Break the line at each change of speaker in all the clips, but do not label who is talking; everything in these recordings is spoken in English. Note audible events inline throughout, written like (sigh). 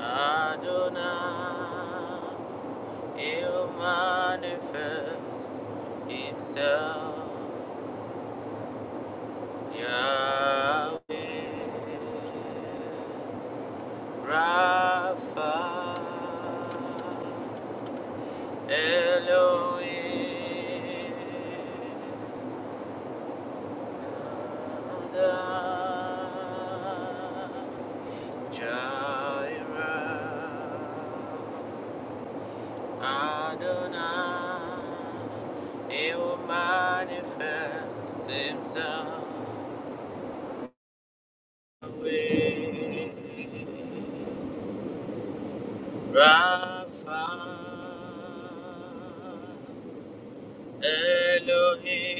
Adonai, you manifest Himself, Yahweh. Rapha, Elohim, Adonai, Jireh, Adonai, He will manifest Himself. Rapha. Elohim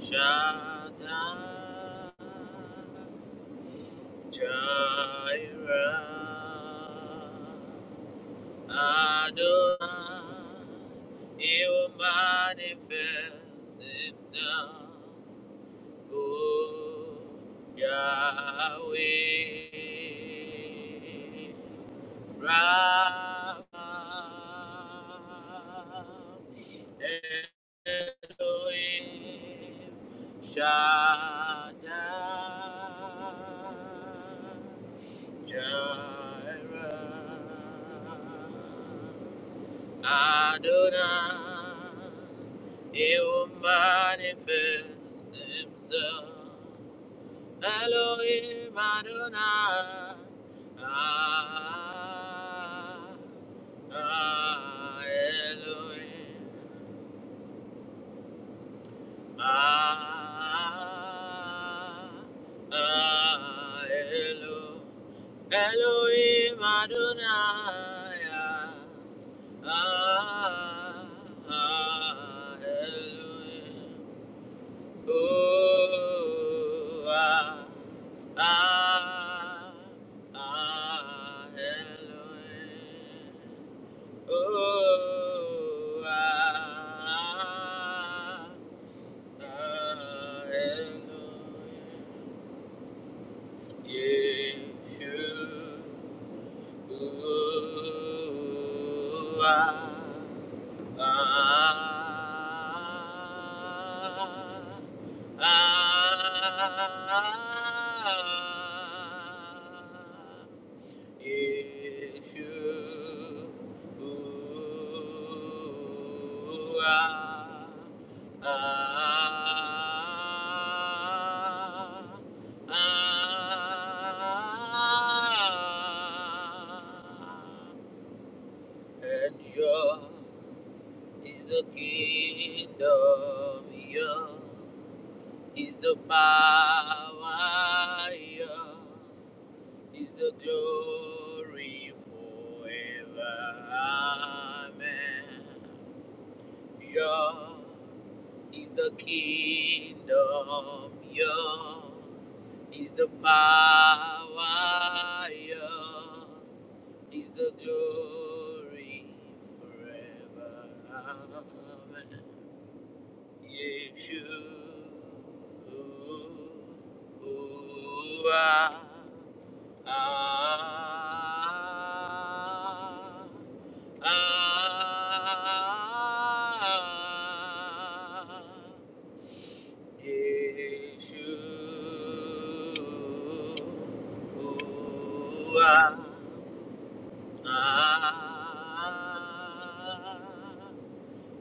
Shaddai Jireh Adonai He will manifest Himself O Yahweh Rav Elohim Shaddai Jireh Adonai He will manifest Himself Elohim Adonai. Ah, ah, Elohim. Ah, ah, Elo, Elohim Adonai. Ah, ah, Elohim. Oh, ah, ah, ah, Elohim. Oh, ah, ah, ah, Elohim. Yeshua. Oh, ah. Ah, and your is the kingdom, yours? Is the power, yours? Is the glory forever, amen. Yours is the kingdom, yours is the power, yours is the glory forever, amen. Yeshua. Ah, ah, ah, Yeshua. Ah, ah,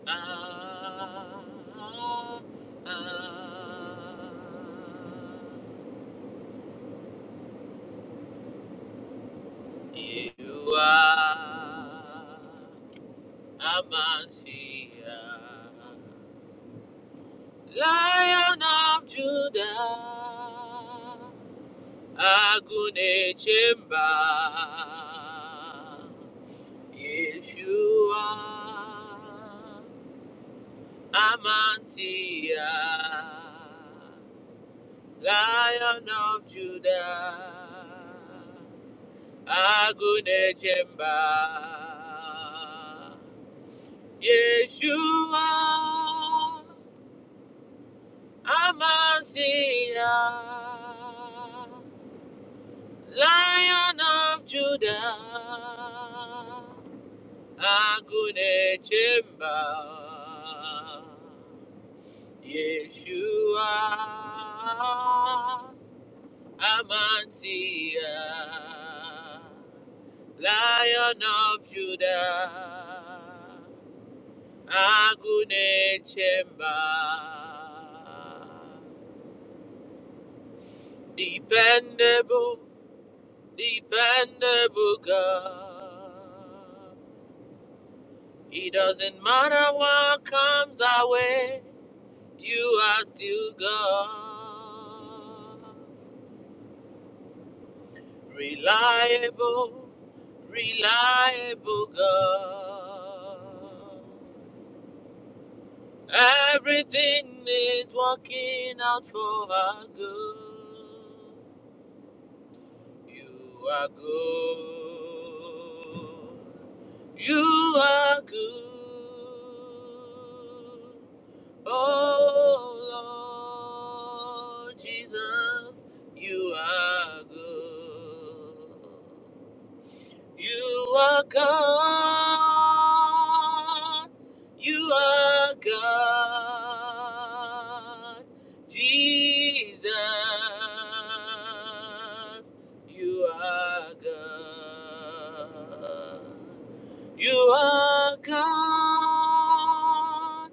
Ah, ah, ah. You are Amansia. Lion of Judah, Agune Chemba, Yeshua, Amantia, Lion of Judah, Agunechemba, Yeshua, Amasia, Lion of Judah, Agunechemba, Yeshua, Amantia, Lion of Judah, Agune Chemba, dependable, dependable God. It doesn't matter what comes our way, you are still God reliable, reliable God. Everything is working out for our good. You are good. You are good. Oh Lord Jesus, you are good. You are God. You are God. Jesus. You are God. You are God.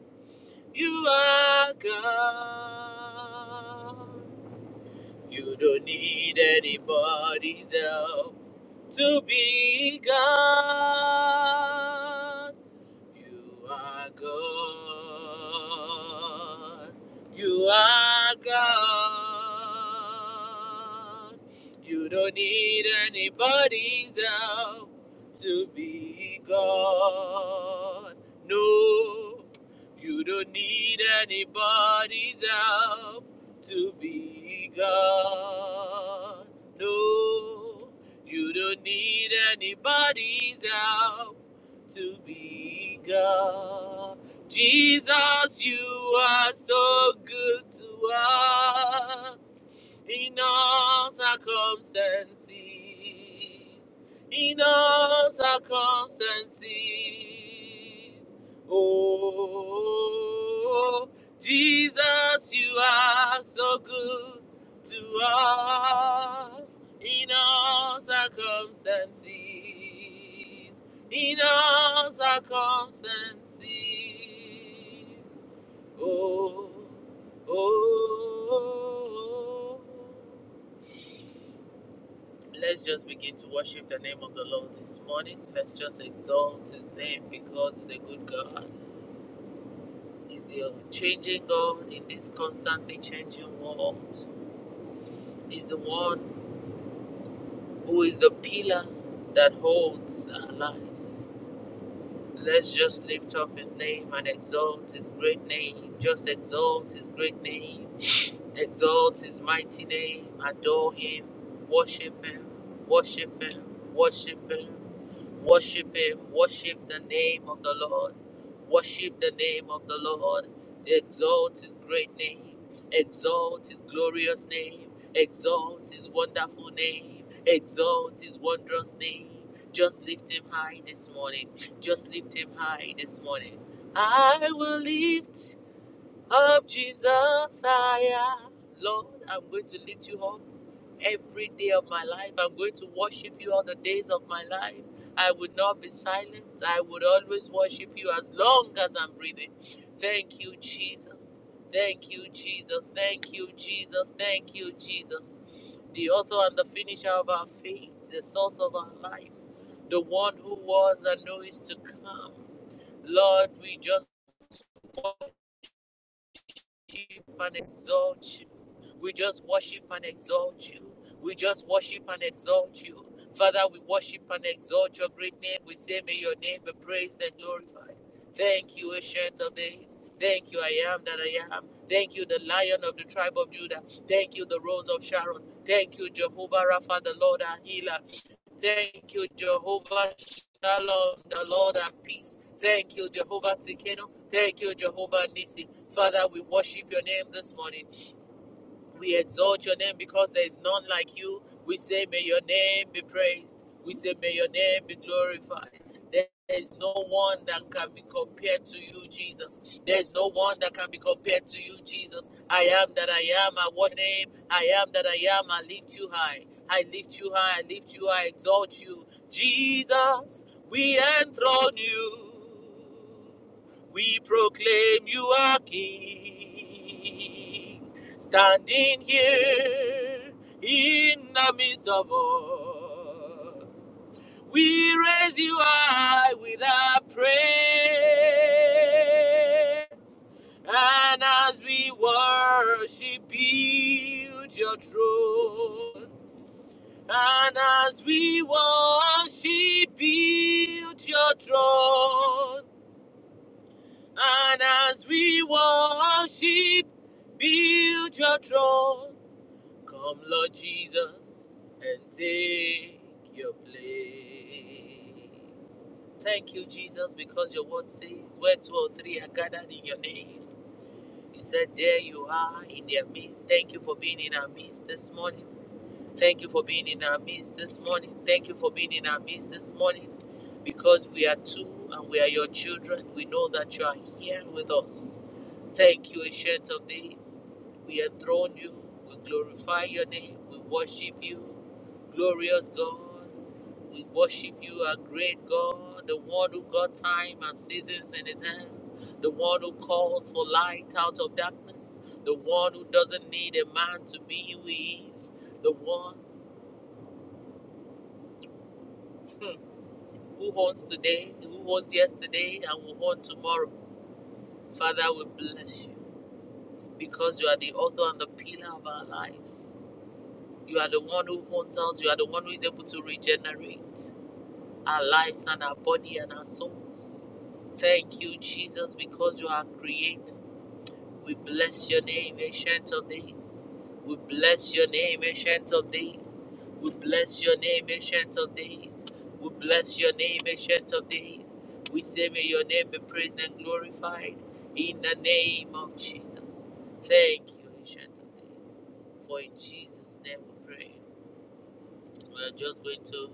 You are God. You don't need anybody's help to be God. You are God. You are God. You don't need anybody's help to be God. No, you don't need anybody's help to be God. No, you don't need anybody's help to be God. Jesus, you are so good to us in all circumstances. In all circumstances. Oh, Jesus, you are so good to us in all circumstances in all circumstances. Oh, oh, oh. oh. Let's just begin to worship the name of the Lord this morning. Let's just exalt His name because He's a good God. He's the changing God in this constantly changing world. He's the one who is the pillar that holds our lives. Let's just lift up his name and exalt his great name. Just exalt his great name. Exalt his mighty name, adore him, worship him, worship him, worship him, worship him, worship the name of the Lord, worship the name of the Lord, exalt his great name, exalt his glorious name, exalt his wonderful name, exalt his wondrous name. Just lift him high this morning, just lift him high this morning. I will lift up, Jesus, I am. Lord, I'm going to lift you up every day of my life. I'm going to worship you all the days of my life. I would not be silent. I would always worship you as long as I'm breathing. Thank you, Jesus. Thank you, Jesus. Thank you, Jesus. Thank you, Jesus. The author and the finisher of our faith, the source of our lives, the one who was and who is to come. Lord, we just worship and exalt you. We just worship and exalt you. We just worship and exalt you. Father, we worship and exalt your great name. We say, May your name be praised and glorified. Thank you, Ancient of Days. Thank you, I am that I am. Thank you, the Lion of the tribe of Judah. Thank you, the Rose of Sharon. Thank you, Jehovah Rapha, the Lord, our healer. Thank you, Jehovah Shalom, the Lord of peace. Thank you, Jehovah Tikenu. Thank you, Jehovah Nisi. Father, we worship your name this morning. We exalt your name because there is none like you. We say, May your name be praised. We say, May your name be glorified. There is no one that can be compared to you, Jesus. There is no one that can be compared to you, Jesus. I am that I am. I what name? I am that I am. I lift you high. I lift you high. I lift you high. I exalt you. Jesus, we enthrone you. We proclaim you are King standing here in the midst of all. We raise you high with our praise, and as we worship, build your throne. And as we worship, build your throne. And as we worship, build your throne. Come, Lord Jesus, and take your place. Thank you, Jesus, because your word says, Where two or three are gathered in your name, you said, There you are in their midst. Thank you for being in our midst this morning. Thank you for being in our midst this morning. Thank you for being in our midst this morning because we are two and we are your children. We know that you are here with us. Thank you, Ancient of Days. We enthrone you. We glorify your name. We worship you, glorious God. We worship you, our great God, the one who got time and seasons in his hands, the one who calls for light out of darkness, the one who doesn't need a man to be who he is, the one who owns today, who owns yesterday, and will own tomorrow. Father, we bless you because you are the author and the pillar of our lives. You are the one who owns us. You are the one who is able to regenerate our lives and our body and our souls. Thank you, Jesus, because you are creator. We bless your name, ancient of days. We bless your name, ancient of days. We bless your name, ancient of days. We bless your name, ancient of days. We say, may your name be praised and glorified in the name of Jesus. Thank you, ancient of days. For in Jesus' name we pray. We're just going to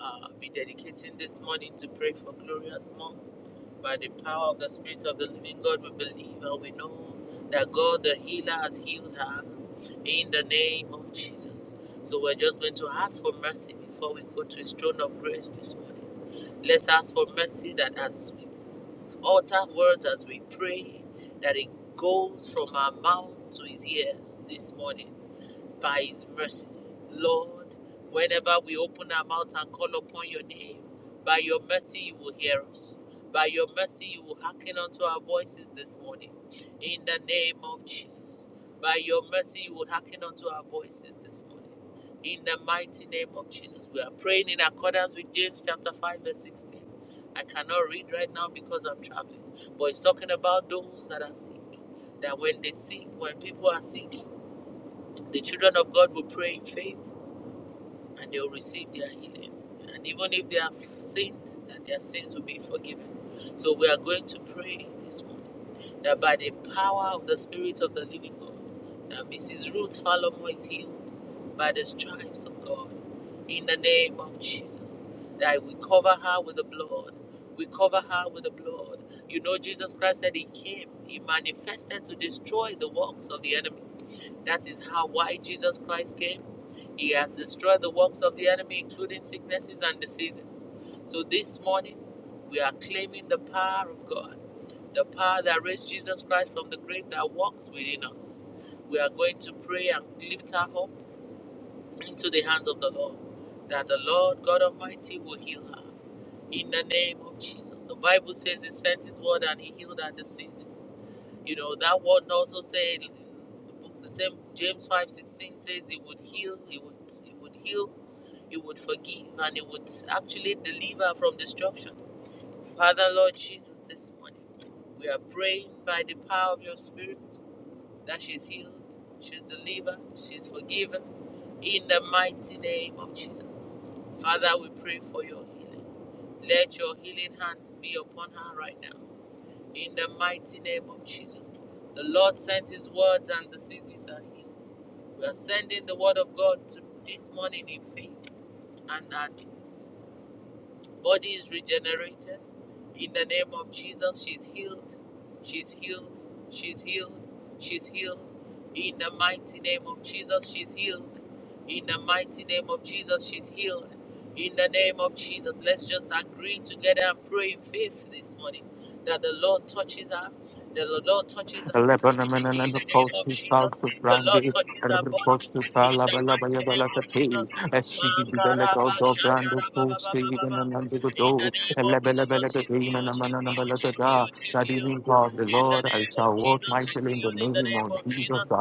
uh, be dedicating this morning to pray for Gloria's mom. By the power of the Spirit of the Living God, we believe and we know that God, the healer, has healed her in the name of Jesus. So we're just going to ask for mercy before we go to His throne of grace this morning. Let's ask for mercy that as we utter words, as we pray, that it goes from our mouth to His ears this morning by His mercy. Lord, whenever we open our mouth and call upon your name, by your mercy you will hear us. By your mercy you will hearken unto our voices this morning. In the name of Jesus. By your mercy you will hearken unto our voices this morning. In the mighty name of Jesus. We are praying in accordance with James chapter 5, verse 16. I cannot read right now because I'm traveling. But it's talking about those that are sick. That when they sick, when people are sick, the children of God will pray in faith and they will receive their healing. And even if they have sinned, that their sins will be forgiven. So we are going to pray this morning that by the power of the Spirit of the Living God, that Mrs. Ruth Falomo is healed by the stripes of God in the name of Jesus. That we cover her with the blood. We cover her with the blood. You know, Jesus Christ said He came, He manifested to destroy the works of the enemy. That is how why Jesus Christ came. He has destroyed the works of the enemy, including sicknesses and diseases. So this morning, we are claiming the power of God, the power that raised Jesus Christ from the grave that works within us. We are going to pray and lift her up into the hands of the Lord, that the Lord God Almighty will heal her. In the name of Jesus. The Bible says he sent his word and he healed our diseases. You know, that word also said the same James five sixteen says it would heal, it would it would heal, it would forgive, and it would actually deliver from destruction. Father Lord Jesus, this morning we are praying by the power of your spirit that she's healed, she's delivered, she's forgiven in the mighty name of Jesus. Father, we pray for your healing. Let your healing hands be upon her right now in the mighty name of Jesus. The Lord sent his word, and the diseases are healed. We are sending the word of God to this morning in faith and that Body is regenerated. In the name of Jesus, she's healed. She's healed. She's healed. She's healed. In the mighty name of Jesus, she's healed. In the mighty name of Jesus, she's healed. In the name of Jesus, let's just agree together and pray in faith this morning that the Lord touches her. The Lord touches her.
Lebanon
In
and the
the name
post
of
to
Jesus,
Fox of
the Lord
Brandy,
touches her body.
Post to
In the
Palabalabaya
mighty name of Jesus.
Balakati, as she did the Belago
Makaraba
do Brando
shakaraba ba
Post,
ba ba
Seed
ba
and
ba.
under the
In
door,
the name
and
of Jesus,
Labelabella Game and
healed, she's
Amanana
healed, she's
Balakada,
healed, she's
that
healed.
in God the
In the
Lord I
name of
shall
Jesus,
walk
she's
mightily in the
healed. In the
name
name
of
of
Jesus.
Jesus,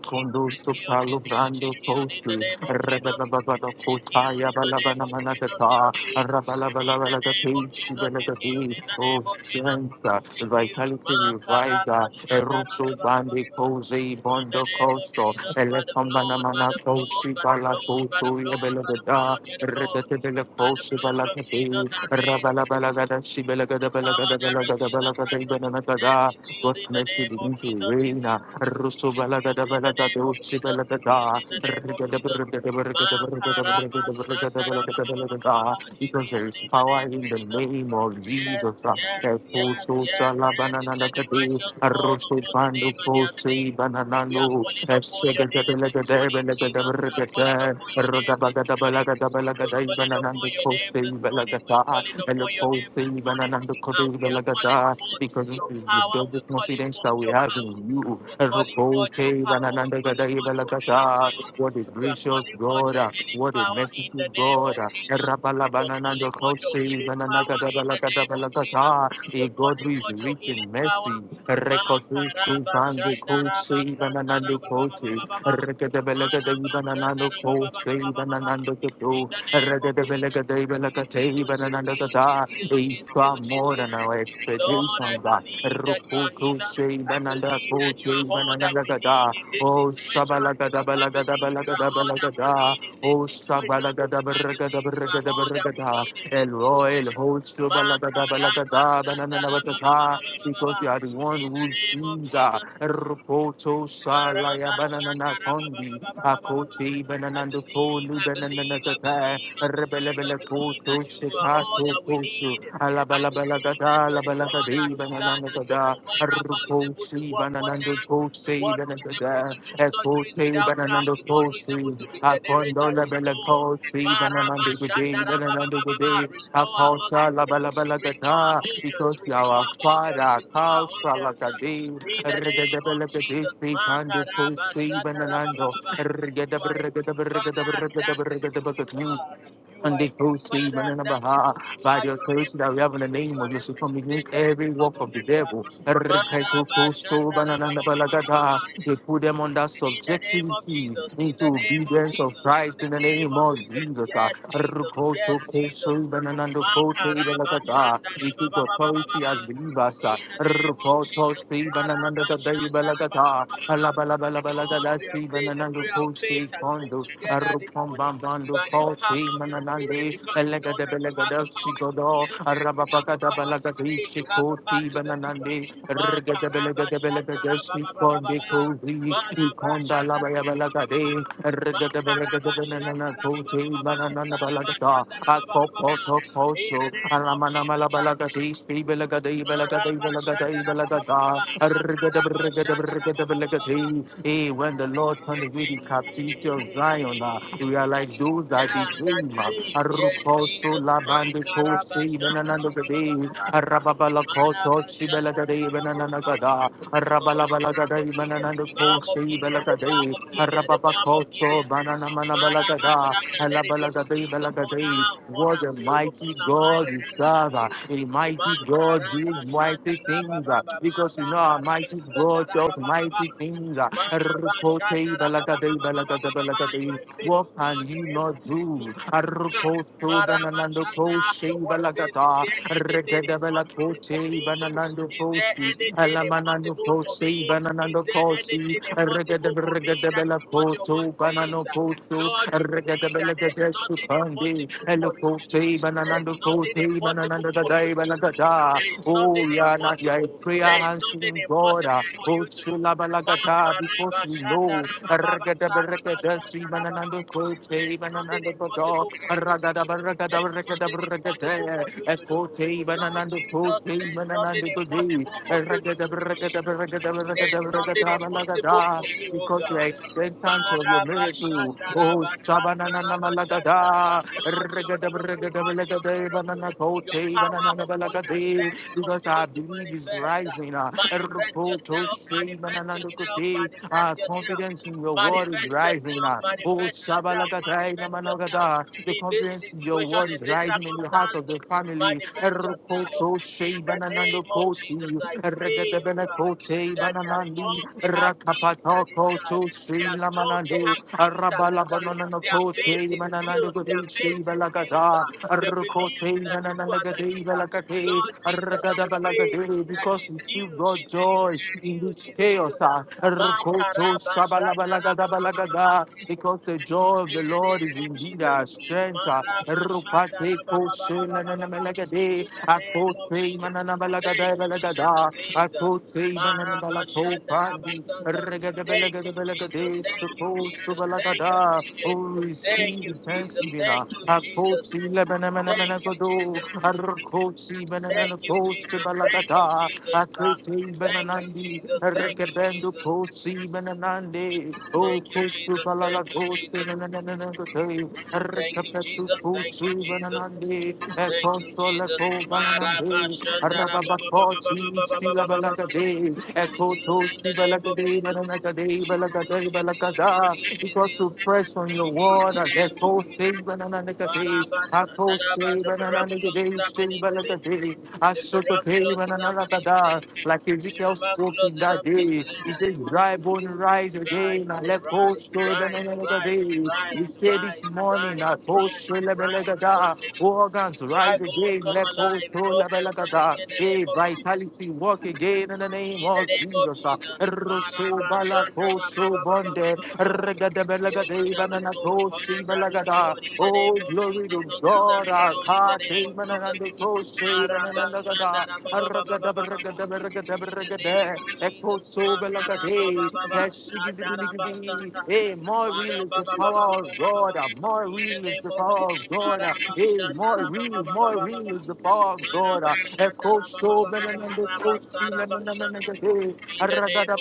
she's healed,
Supalo
she's
Brando
healed.
Post,
In the name of Jesus,
Rebelababa
she's healed.
Kotaya
In the name of Jesus,
Balabana
she's
Rabba,
in the
Rabba,
name of Jesus is healed. In the name
Oh,
of Jesus is healed.
strength, uh,
In
vitality, reviver, Eruso Bandi, Kose,
the
Bondo
name of
Costo,
By the blood, by
Elecomanamana,
the
Koshi,
blood, by the blood,
Balako,
by the blood, by the blood, by the
Ebelagada,
blood,
Redatabella,
by the
Koshi,
blood of Jesus
Balakati,
that raised
Rabalabalagada, Shibelagada,
power
Balagada,
that rescued
Balagada, Balagada,
from death
Banagada,
is healed
God's
in the
mercy
name of
begins to
Jesus.
reign. uh,
In
so balagada
the
balagada
name of
uchi
Jesus, in
balagada
the name of
rigada
Jesus.
brigada brigada brigada
Makaraba
brigada brigada
Shandaraba
balagada balagada
is
because there
healed
is
in the
power
name of
in the name of Jesus.
Yes, yes, yes,
Eputo
yes,
sala
yes. You
banana
said the
nakati
righteous calls upon
arusu
the
pandu
name and they are
kosi
saved. We are
banananu
calling upon your
esegada
name this
balagada
morning,
balagada
Jesus. We are
brigada
calling upon your name.
rugabagada balagada balagada
calling upon
ibananandu
your
kosi
name this morning. We're
balagada
calling
and the
upon your
whole
name
thing,
this morning.
and the coding,
And we
the
are calling
lagada, because it
your
is the
power.
double
We're calling
confidence that
forth
we
your
have in
power.
you.
We're
And the
Calling
whole
forth your
thing, and
power
the gada, the
for healing.
lagada. What a
We are
gracious
calling forth
God, ah.
your healing
what a
power in
merciful
the name of
God. ah. And
Jesus.
Rabala
We're
banana, the
Calling forth
cross,
your
and the
healing power
lagada, the
in the
lagada,
name
the
of Jesus.
A
We're
God
Calling
who
for
is
your
rich in
healing power.
mercy.
Ma
Record through
karaba
Bandy
shanda
Coach,
raba
even
sata
another
raba ba
coach,
ba ba ba ba ba. Ma
Rekadabelaga, the
raba shanda
another
raba ba
coach,
ba ba ba ba
even
ba
another
the name of
it's
Jesus. Heal, Jesus, heal,
far
Jesus,
more
heal,
than our
Lord, I
expectations. God.
believe that you are
Rukutu
healer. I
Shebananda
believe that
Kote
you are all that we need
Bananagada.
in this
Oh
situation. I believe you are all that we
Shabalagadabalagadabalagadabalagada.
need in
Oh
this situation. I believe you are all that we
Shabalagadabaragadabaragadabaragada.
need in
El
this situation.
Roy, El Host,
Makaraba
Shabalagadabalagada,
shandara ba ba ba
Bananavata. Because you are the
In
one
the
who
name of
sees. ah.
Jesus,
Rukoto Salaya
I
Bananana Kondi. Akote Bananando
believe,
Koli
I believe, I believe, I believe, I
rebelebele
believe that
kutu
you are
shika
all that we
kutu
need. I
alabala bala
believe
bala gada alabala
God,
gadi
our healer,
banana
that
gada
Jehovah Rapha is able to
rukochi
work
bananando
wonders, the
kochi
one who is able to
banagada
do surgeries
ekote
without scars,
bananando
the one who is
kochi
able to regenerate
akondo labala
all.
kochi
Maraba,
bananando gudi
shandara,
bananando gudi
Restore our organs,
akota labala bala bala
restore our
gada
organs,
because
restore
yawa
our organs,
kwara
restore our
kausa
organs.
lagadi
In the name
regedebele
of Jesus,
gadi kando
Makaraba,
kochi
shandara,
bananando
you are
regedebele
a good
regedebele
father, and that's
regedebele
you
regedebele
are. You
and
are
they
a
go
good
to
father,
even in
and that is
Baha
you
by
are.
the
You are
authority
able
that we have in the name of Jesus come
to save, you
against
are able to
every work of the devil.
deliver. Maraba, shandara,
They put them under
In the name of
subjectivity
Jesus. In
into
the name of
obedience of Christ
the
in the
name
name
of
of Jesus.
Yes, Jesus. Yes, Jesus. Makaraba shanda
We take
baba baba baba ba
authority as believers.
In the name of Jesus. Makaraba shanda baba baba. Lord, we are
Alabalabalabalagadasi,
saying the
bananando,
prayer of faith
kosi,
and bring
kondo,
together this
Arupom
morning
Bambandu
by the power
Koti
of your spirit
Mananandi,
because we know
Elegada
that you have
Belegada
the power to
Sigodo,
the
Arababagada
power to
Balagadi
save, you have the power
Shikoti
to
Bananandi,
deliver. Ma
Regada
karaba
Belegada
shanda
Belegada
baba baba baba.
Sikondi Kozi,
ba ba
Ikonda Labaya
In
Balagade, Regada Belegada Banana Koti Banana
the
Balagada, Akopotoposo,
name of Jesus,
Alamanamalabalagadei, Stibelagadei, Belagadei, Belagadei,
Marabashandarababa,
Belagada, Arrgada, Brgada, Brgada, Belagadei. Hey, when the Lord turned with his captivity of Zion, ah, we are like those that
yeah,
disobey
that
him. ah.
dream. Yes,
Arruposo,
Jesus.
Labande, Kose,
Makarabashandarababa,
Benanandogadei, Arababalakoto,
Marabashandarababa.
Sibelagadei, Benananagada,
Yo, Gilead,
Arabalabalagada,
The bomb of Gilead,
Benanandokose,
the bomb of
Balagadi,
Gilead, the bomb of
Arababakoso,
Gilead.
Banana
Let
Manabalagada,
it
Alabalagadi
upon us,
Balagadi.
upon
What a
us, upon
mighty
our mind,
God we serve. uh, A mighty
Makara
God do
Shanda
mighty things. uh,
Baba Baba
Because you know, our
Sakara
mighty God
Shanda
does
Baba
mighty things. uh.
Baba
Arukose
Shanda Baba
Balagadi Balagada
Baba You
Balagadi.
are
What
faithful
can
God,
you
you are able
not
to
do?
do
Arukoso
Maraba
Bananando
Shanda, your
Koshe
word says, is
Balagada.
there anything for
Regada
me?
bananando
Is there
kosi,
anything
alamanando
impossible for
kosi,
me? Is
bananando
there
kosi,
anything impossible
regada
for me?
regada
That's
bella
what your
koto,
word says.
banano koto,
Lord, we
regada
believe that
bella
there is
gada
nothing
sukandi, elo
for you.
kote,
There is
bananando
nothing
kote,
impossible
bananando da
for you.
gadai,
To, do.
banagada.
there is nothing.
Oh, yana, yeah, prayer
There is nothing
answering God.
impossible
ah.
for
Oh,
you to
shula
do.
balagata, because we know, regada regada, si, bananando
There
kote,
is nothing
bananando koto,
impossible for you. To,
Ragada
do. there
barragada
is
barragada
nothing impossible
barragada.
to do.
Ekote
Lord
bananando
Jesus,
kote
there is
bananando
nothing
kode.
impossible for you to
Ragada
do.
barragada barragada
There
barragada
is nothing
barragada
impossible
balagada.
for you, oh
Because you are
God.
expectant of your
Maraba
miracle. Oh,
Shandaraba
Sabanana
Santaraba
Malagada.
Shout your miracle,
Ragada barragada balagada banana
your
kote banana
power of wonders.
balagada
Let it
because I believe is
manifest.
rising. uh,
Manifest
Rupoto
yourself,
shei
manifest
mananando
yourself,
kote.
manifest
Our
yourself.
confidence in your word is
Manifest
rising.
yourself,
uh, Oh,
manifest yourself,
Shabalakatai namanagada.
yourself.
The
In this
confidence in your
situation,
word
in
is
this
rising in the heart of
circumstance,
the family.
manifest yourself.
Rupoto
In
shei
the name
mananando
of
kote.
Jesus, I pray, oh
Regetabene
God,
kote
that they are
bananandi.
strong, they have peace this time.
Koto
They
Shri
are strong, they
Lamanando,
have peace.
Arabala Banana
Their faith
Kote,
is
Manana
built, their faith
Gudishi
is built.
Balagada,
They believe
Arkote,
that
Manana
you are the
Gade
healer.
Balagade,
Lord Jesus,
Argada
I pray
Balagade, because
She's
we still
healed.
got
She's healed.
joy
She's
in
healed.
this
She's
chaos.
healed.
ah. Arkoto Shabala
Makarabashata.
Balagada Balagada, because the
In
joy of the
the
Lord is
name of
indeed
Jesus.
our strength. ah.
Marabashata.
Rupate koshe
rabababababababa.
nananamalagade.
In the name of
Akote
Jesus.
mananabalagada balagada.
Thank you,
Balagada,
Jesus.
Akote mananabalako
Marabashanda
pandi.
rabasanda.
Regada
Thank
belagada
you, Jesus.
belagade.
Thank you,
Soko
Jesus. Thank you,
subalagada.
Jesus.
Oh,
Thank you,
receive
Jesus.
thanksgiving.
Thank you, Jesus.
Akote
Thank you, Jesus.
lebanamanagodo. Arkote
Thank you,
bananakoste
Jesus. Thank
balagada.
you, Jesus.
Akote
Thank you,
bananandi.
Jesus. Thank you, Jesus.
Regabendo kosi bananande. Oh,
Thank you,
kosu
Jesus. Thank you,
balagagote
Jesus.
nananagote.
Thank you,
Rekapetu
Jesus. Thank you,
pusu
Jesus.
bananandi,
Thank you,
ekosole
Jesus.
ko
Maraba
bananandi,
shandara ba
rababakochi sila balagade,
healed
ekoto
in the
si
name of
balagade, bananagade, balagade, balagada,
she's
because you press on your
She is in
word
the
and
name
let
of
go
Jesus.
save another day.
Maraba
I go
shandara
save
The
another
miraculous
day,
is
save
happening today.
another day. I
The
shook a day and
miraculous is
another
happening today.
day. Like Ezekiel
The
spoke
miraculous
in
is
that
happening
day, he
today.
says, Dry bone rise
Rise,
again I let go
rise,
save
rise, rise,
another day. We
rise,
say
rise,
this morning, I
rise,
go save
rise, rise,
another day.
rise.
Organs
Dry
rise
bones
again,
come
let go
alive.
save
Bob, they're
another
drunk
day.
in the
Hey,
name of
vitality, walk again in the name
in the
of
name of
Jesus. Ah,
Jesus.
Rosso
Maraba, shanda, ba, ba, ba,
Balaco,
ba,
Shande,
ba, ba, ba, ba. Your guns
Regadabelagadeva,
are restored.
Nanako,
Hungers are
Sibalagada.
restored in the name
Oh,
of
glory to
Hungers are
God, our
restored in the
God,
name of
Amen, and the
Jesus.
Ghost, Amen, and
Maraba,
the
shanda,
Gada,
ba, ba, ba, ba, ba, In the name
Aragadabaragadabaragadabaragade,
of Jesus.
Echo, so Belagade,
Makarabababa,
Yeshigidibiligidi. Hey,
shadarabasata.
more real is the power of God, uh, more
In the
real is
name
the
of
power of
Jesus,
God, uh, hey, more real, more
Ba-da-ba-sha-da-da-ba-ba-ba-ba-ba.
real is the power of God, uh, Echo, so Belanando, Coach, Lemon, and
Ba-da-ba-sha-da-da-ba-ba-ba-ba-ba-ba-ba-ba-sha-da.
the
in the name of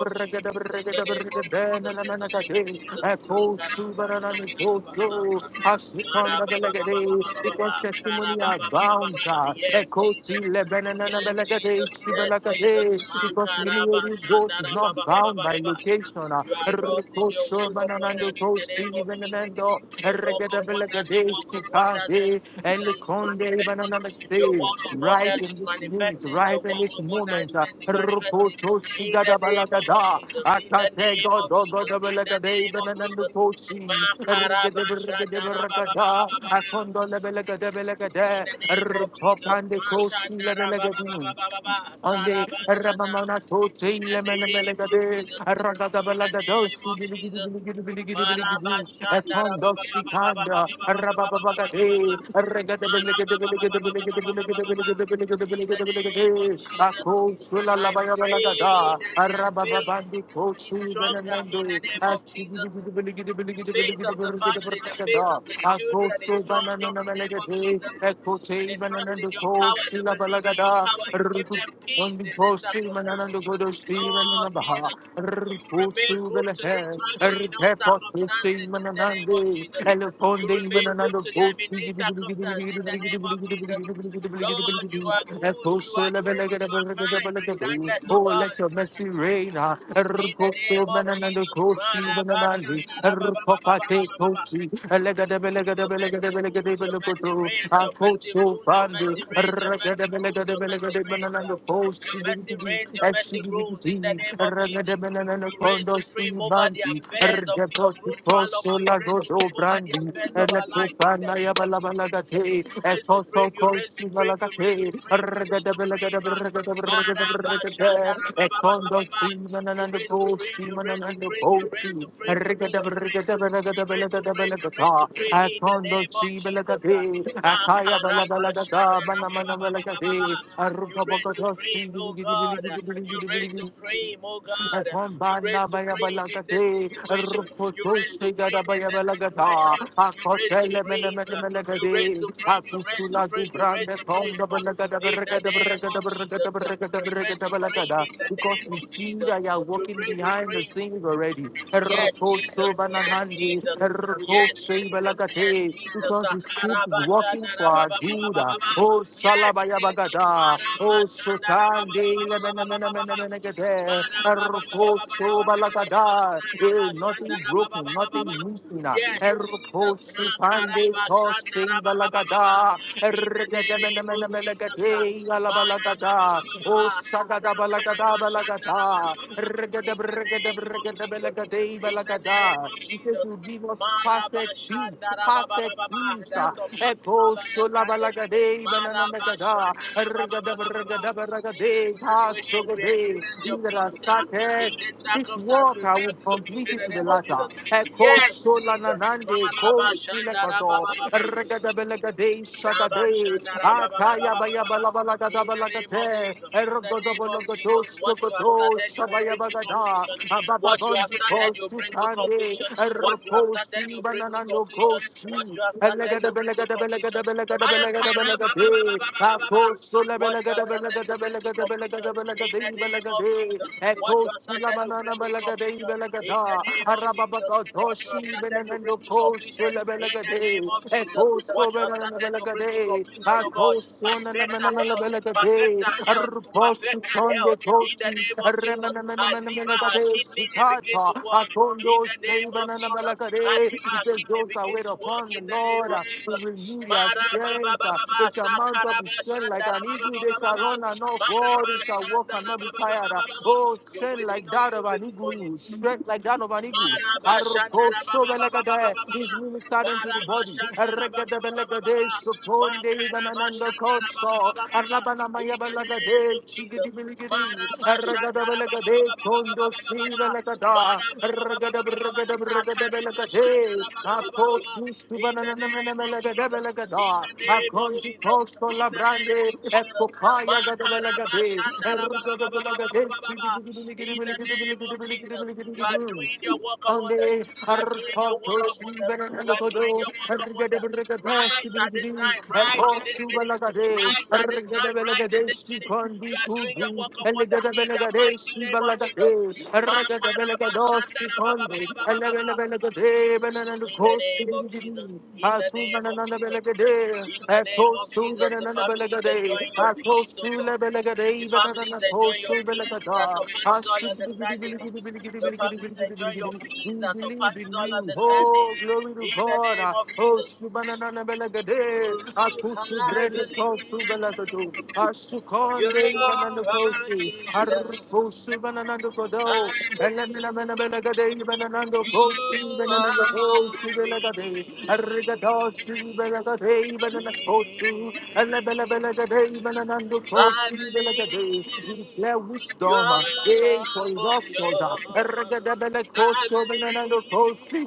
in the
Gade,
name of Jesus, in the name of Jesus, Ma-da-ba-ba-ba-ba-ba-ba-ba-ba.
because testimony are bound.
yes, Jesus.
Because
Yes, Jesus. Yes, Jesus. Makaraba
Holy Ghost is not bound by
Shandaraba.
location. ah.
You are lost in your
Rekoso
work of
bananando
wonders in the
kosi
name of Jesus.
benanando.
They walk of wonders, they
Regedabelagade
walk of wonders.
shikade.
Israel is
Elekonde
manifesting. Your
bananagade.
walk of
Right
wonders
in
is
this unit,
manifesting. Your
right
walk
in this
of wonders is
moment. ah.
manifesting.
Rekoso
In the name of
shigadabalagada.
Jesus, in the
Akate
name
go
of Jesus,
go go go go
in
like
the
a day
name of
banana
Jesus.
koshi. Ergede bergede bergada.
Makarabashandarababababababa.
Akondo lebe like a debe like a
In
day.
the name of Jesus.
Erkopande koshi lebe like a day.
Mashandarababababababa.
Ande
Sarabashanda.
Ramamana
In the
Totin
name of
Lemenemelegade,
the name of
Ragadabaladosi,
Jesus.
Biligidi, Atondo Sikanda,
Marabashandarababababababababababa.
Rababagade,
Marababababababa. the name of
Regadabelegadebelegade,
Jesus.
Akosula
I pray
Labayagada,
that
a
their faith
Rababandu
is
Tosu
stronger in the
Benanendo,
name of Jesus.
Astibiligidi,
The faith of the family, the faith of the children is
Akoso
strong in
Banana
the name of
Melegade,
Jesus. They
Ekote
trust in
Bananando
your power, they
Kosila
believe in your
Balagada,
power. You give them peace
only
in this
for Simon
circumstance.
and the good of Simon and the
Lord
Baha,
Jesus, you
Rufu
remain good
Simon
to this
has,
family in all
Repepo
circumstances
Simon
in
and
the name of
Andy,
Jesus.
Elephone
you remain
Demon and
good
the
to them
Post,
in this circumstance in the name of Jesus. Lord, you are
a
good,
post
you
so
are good, you are kind,
level.
regardless, oh
Oh,
God.
let your mercy reign,
In the
Rufu
name of
Simon
Jesus,
and the Post,
Father,
Simon Aru papa the pochi, le gadebi le
your
gadebi le
mercy
gadebi le gadebi nu koto.
reigns, your mercy
Ako so pani,
reigns, your
aru gadebi le gadebi le
mercy
gadebi mana
reigns. uh,
lango pochi
Your mercy
bitti bitti,
reigns, your mercy
shibi
rules. In the
bitti.
name of
Aru
Jesus,
gadebi na na na
you reign
kondo si
supreme over the
banti,
affairs
aru
of
jabot
Ruth
po
Solomon, you reign
solado do brandi,
supreme affairs of
aru
our life.
topana ya balabala
You
the.
reign
Akondo
supreme, you reign supreme, you reign supreme. uh, Father, You reign supreme, you reign supreme, you reign supreme, You. supreme. He reigns supreme. You reign supreme in the name of Jesus. uh. You reign supreme, oh God. You reign supreme, oh God. You reign
Ekambanda
supreme in this
bayabalagate,
situation. You reign
Rukotoshe
supreme.
gadabayabalagata,
You reign
Akotele mele
supreme. You reign supreme. You reign
Akusula du
supreme. You reign
brande
supreme.
konda balagada
In the
baragada
name of
baragada baragada
Jesus.
baragada
You reign
baragada
supreme in
balagada.
the
Because
name
we
of
see that
Jesus.
you are
You
walking
reign
behind the
supreme.
scenes already.
Yes,
Rukoso
Jesus. Yes,
bananandi,
Jesus. Yes,
Rukoshe
Jesus. Yes,
balagate,
Jesus.
Because we keep walking for our good.
Sakarabashandarababababababa.
Oh,
Yes.
Salabaya bagada, O Sotandi,
Marabashandarababababababababa.
Lebenemenemenegade, Erposo
Marabababababababababababababababababababa.
Balagada, Eh, nothing broken, nothing missing,
Yes, Jesus.
Erposo Pande, Tosti
Makarabashandarabababababa.
Balagada,
In the name of
Erregademenemenemenegade,
Jesus.
Alabalagada, O
Marabababababa. Sakarabashandarabababa.
Sagada Balagada Balagada, Regadab
In the
Regadab
name of
Regadab
Jesus. In
Balagade
the name
Balagada. He says,
Jesus.
we Divos Pastex Beats, Pasex
Marabashandarabababa. That
Misa,
surpasses
Echo
all understanding.
Sulabalagade, Bananagada, Rigadab
Marabashandarabababa.
Rigadab Ragade, Tas
Situation we
Rogade,
experience your
Indra
peace uh, in
Statex.
this
This
circumstance. We
water will complete
in
it
the
to the
name of
latter.
Jesus.
Echo
Yes, Jesus.
Solananande, Kosilekado,
Marabashandarabababa.
Regadabelagade, Shagade, Ataya
Rabashandarabababa. In the name of
Bayabalabalagadabalagate,
Jesus. In the name of Jesus, what you have
Shokoto,
started, you will bring to
Shabayabagada,
completion. What you have
Abababon,
started, you will bring to
Sukande,
completion. What you have started, you
Erposi,
will bring to
Bananano, Kosi,
what you have started, you
Elegada Belegada Belegada Belegada
Maya
Belegada
Kara, ba,
Belegade, Aposula
What you
Belegada
have
Belegada Belegada Belegada
started in the
Belegade,
name of
Belegade,
Jesus. What you have
Ecosula
started, you
Manana
bring to
Belegade,
completion in the
Belegada,
name of Jesus.
Arababaka
What you have
Toshi,
started, you
Benanando,
bring to completion
Kosula
in the name
Belegade,
of Jesus.
Ecoso
What you have started, you bring
Gade, a Belagade,
to completion, oh God.
Akosona
Perfect our health, perfect
Namanamalabelagade,
our health, perfect
Arposu
our
Konde
health in the
Kosi,
name of Jesus. Our liver, our
Remanamanamanamelagade,
kidney, they begin
Shikata,
to work in
Akondo
the name of Jesus. Our
Shrebananabalagade.
liver,
He
our
says,
kidney
Those that wait
to work
upon the
in the name
Lord
of
uh, will
Jesus.
renew their
Mara ba ba
strength.
ba
uh,
ba ba
They shall mount
sakara
up with
ba
strength like
shandara
an
ba ba
eagle.
ba
They
ba ba
shall
ba.
run and not
Mara
fall.
ba
They shall walk and
shandara
not be
ba ba ba ba
tired. uh,
ba ba
Oh,
ba. We
strength
thank
like that
you
of an
this morning.
eagle. Strength like that of an eagle.
Mara ba shandara ba ba ba ba ba
Arrokosobelegade. He's ministered into
Mara
the
ba
body.
shandara ba ba ba
Erregedebelegade,
ba.
Sokonde,
Makara ba
Ibanananda
shandara ba ba ba
Koso.
ba ba ba. In the name of
Arrabanamayabelagade,
Jesus.
Sigidibiligidi.
Mara ba shandara ba ba ba
Erregedebelegade,
ba ba ba ba ba
Kondo
ba ba ba.
Sibelegada.
Mara ba ba ba ba ba ba ba ba. Sakara ba shandara.
Erregedebelegade,
baba baba baba.
Akosu
In the name of In
Subananamelegedebelegada.
the name of
Akondi
Jesus.
Koso
In the name of
Labrande,
Jesus.
Ekokaya Gadabelegade. Erregedebelegade,
Makarabashandarabababababababa.
Sigidibiligidi. Biligidi,
In the name
Biligidi,
of
Biligidi,
Jesus. You are
Biligidi,
doing your work of us. You
Onde
are doing your work of
arpato
us.
shibana
You
nando
are doing
kodo
your work
argada
of us.
berga
Right
pashi
at this
bini
time, right
eto
in this
shuba
minute,
lagade
right at this
argada
time, right in
belagade
this
shi
minute, you
kondi
are doing your
kubi
work of wonder
elegada
in the
belagade
mighty
shi
name of Jesus.
balagade argada belagado shi kondo elebele
Makarabashandarababababababa.
belagade we believe
In the name of
in
Jesus,
you.
in the name of Jesus, in the name of Jesus, the family enjoying your peace, oh God. The families enjoy your peace that surpasses all understanding. The families enjoy your peace that surpasses all understanding.
Oh, glory to
In the name
God.
of
Oh,
Jesus.
Shubanana Belagade, Akusu
I
Brenda
believe
Kosu Belagadu,
you
Ashukonde
are
Banana
a
Kosu,
healer.
Arpo Shubananando Kodo,
I believe
Elemina Belagade, Bananando
you
Kosi,
are
Bananando Kosi
all we
Belagade,
need.
Arrigatosi Belagade, Banana Kosu, Elebella Belagade, Bananando
I
Kosi Belagade,
believe
declare
you
wisdom, eh,
are
for your
for
God,
sure.
Erregada
I
Belacoso
believe
bananando kosi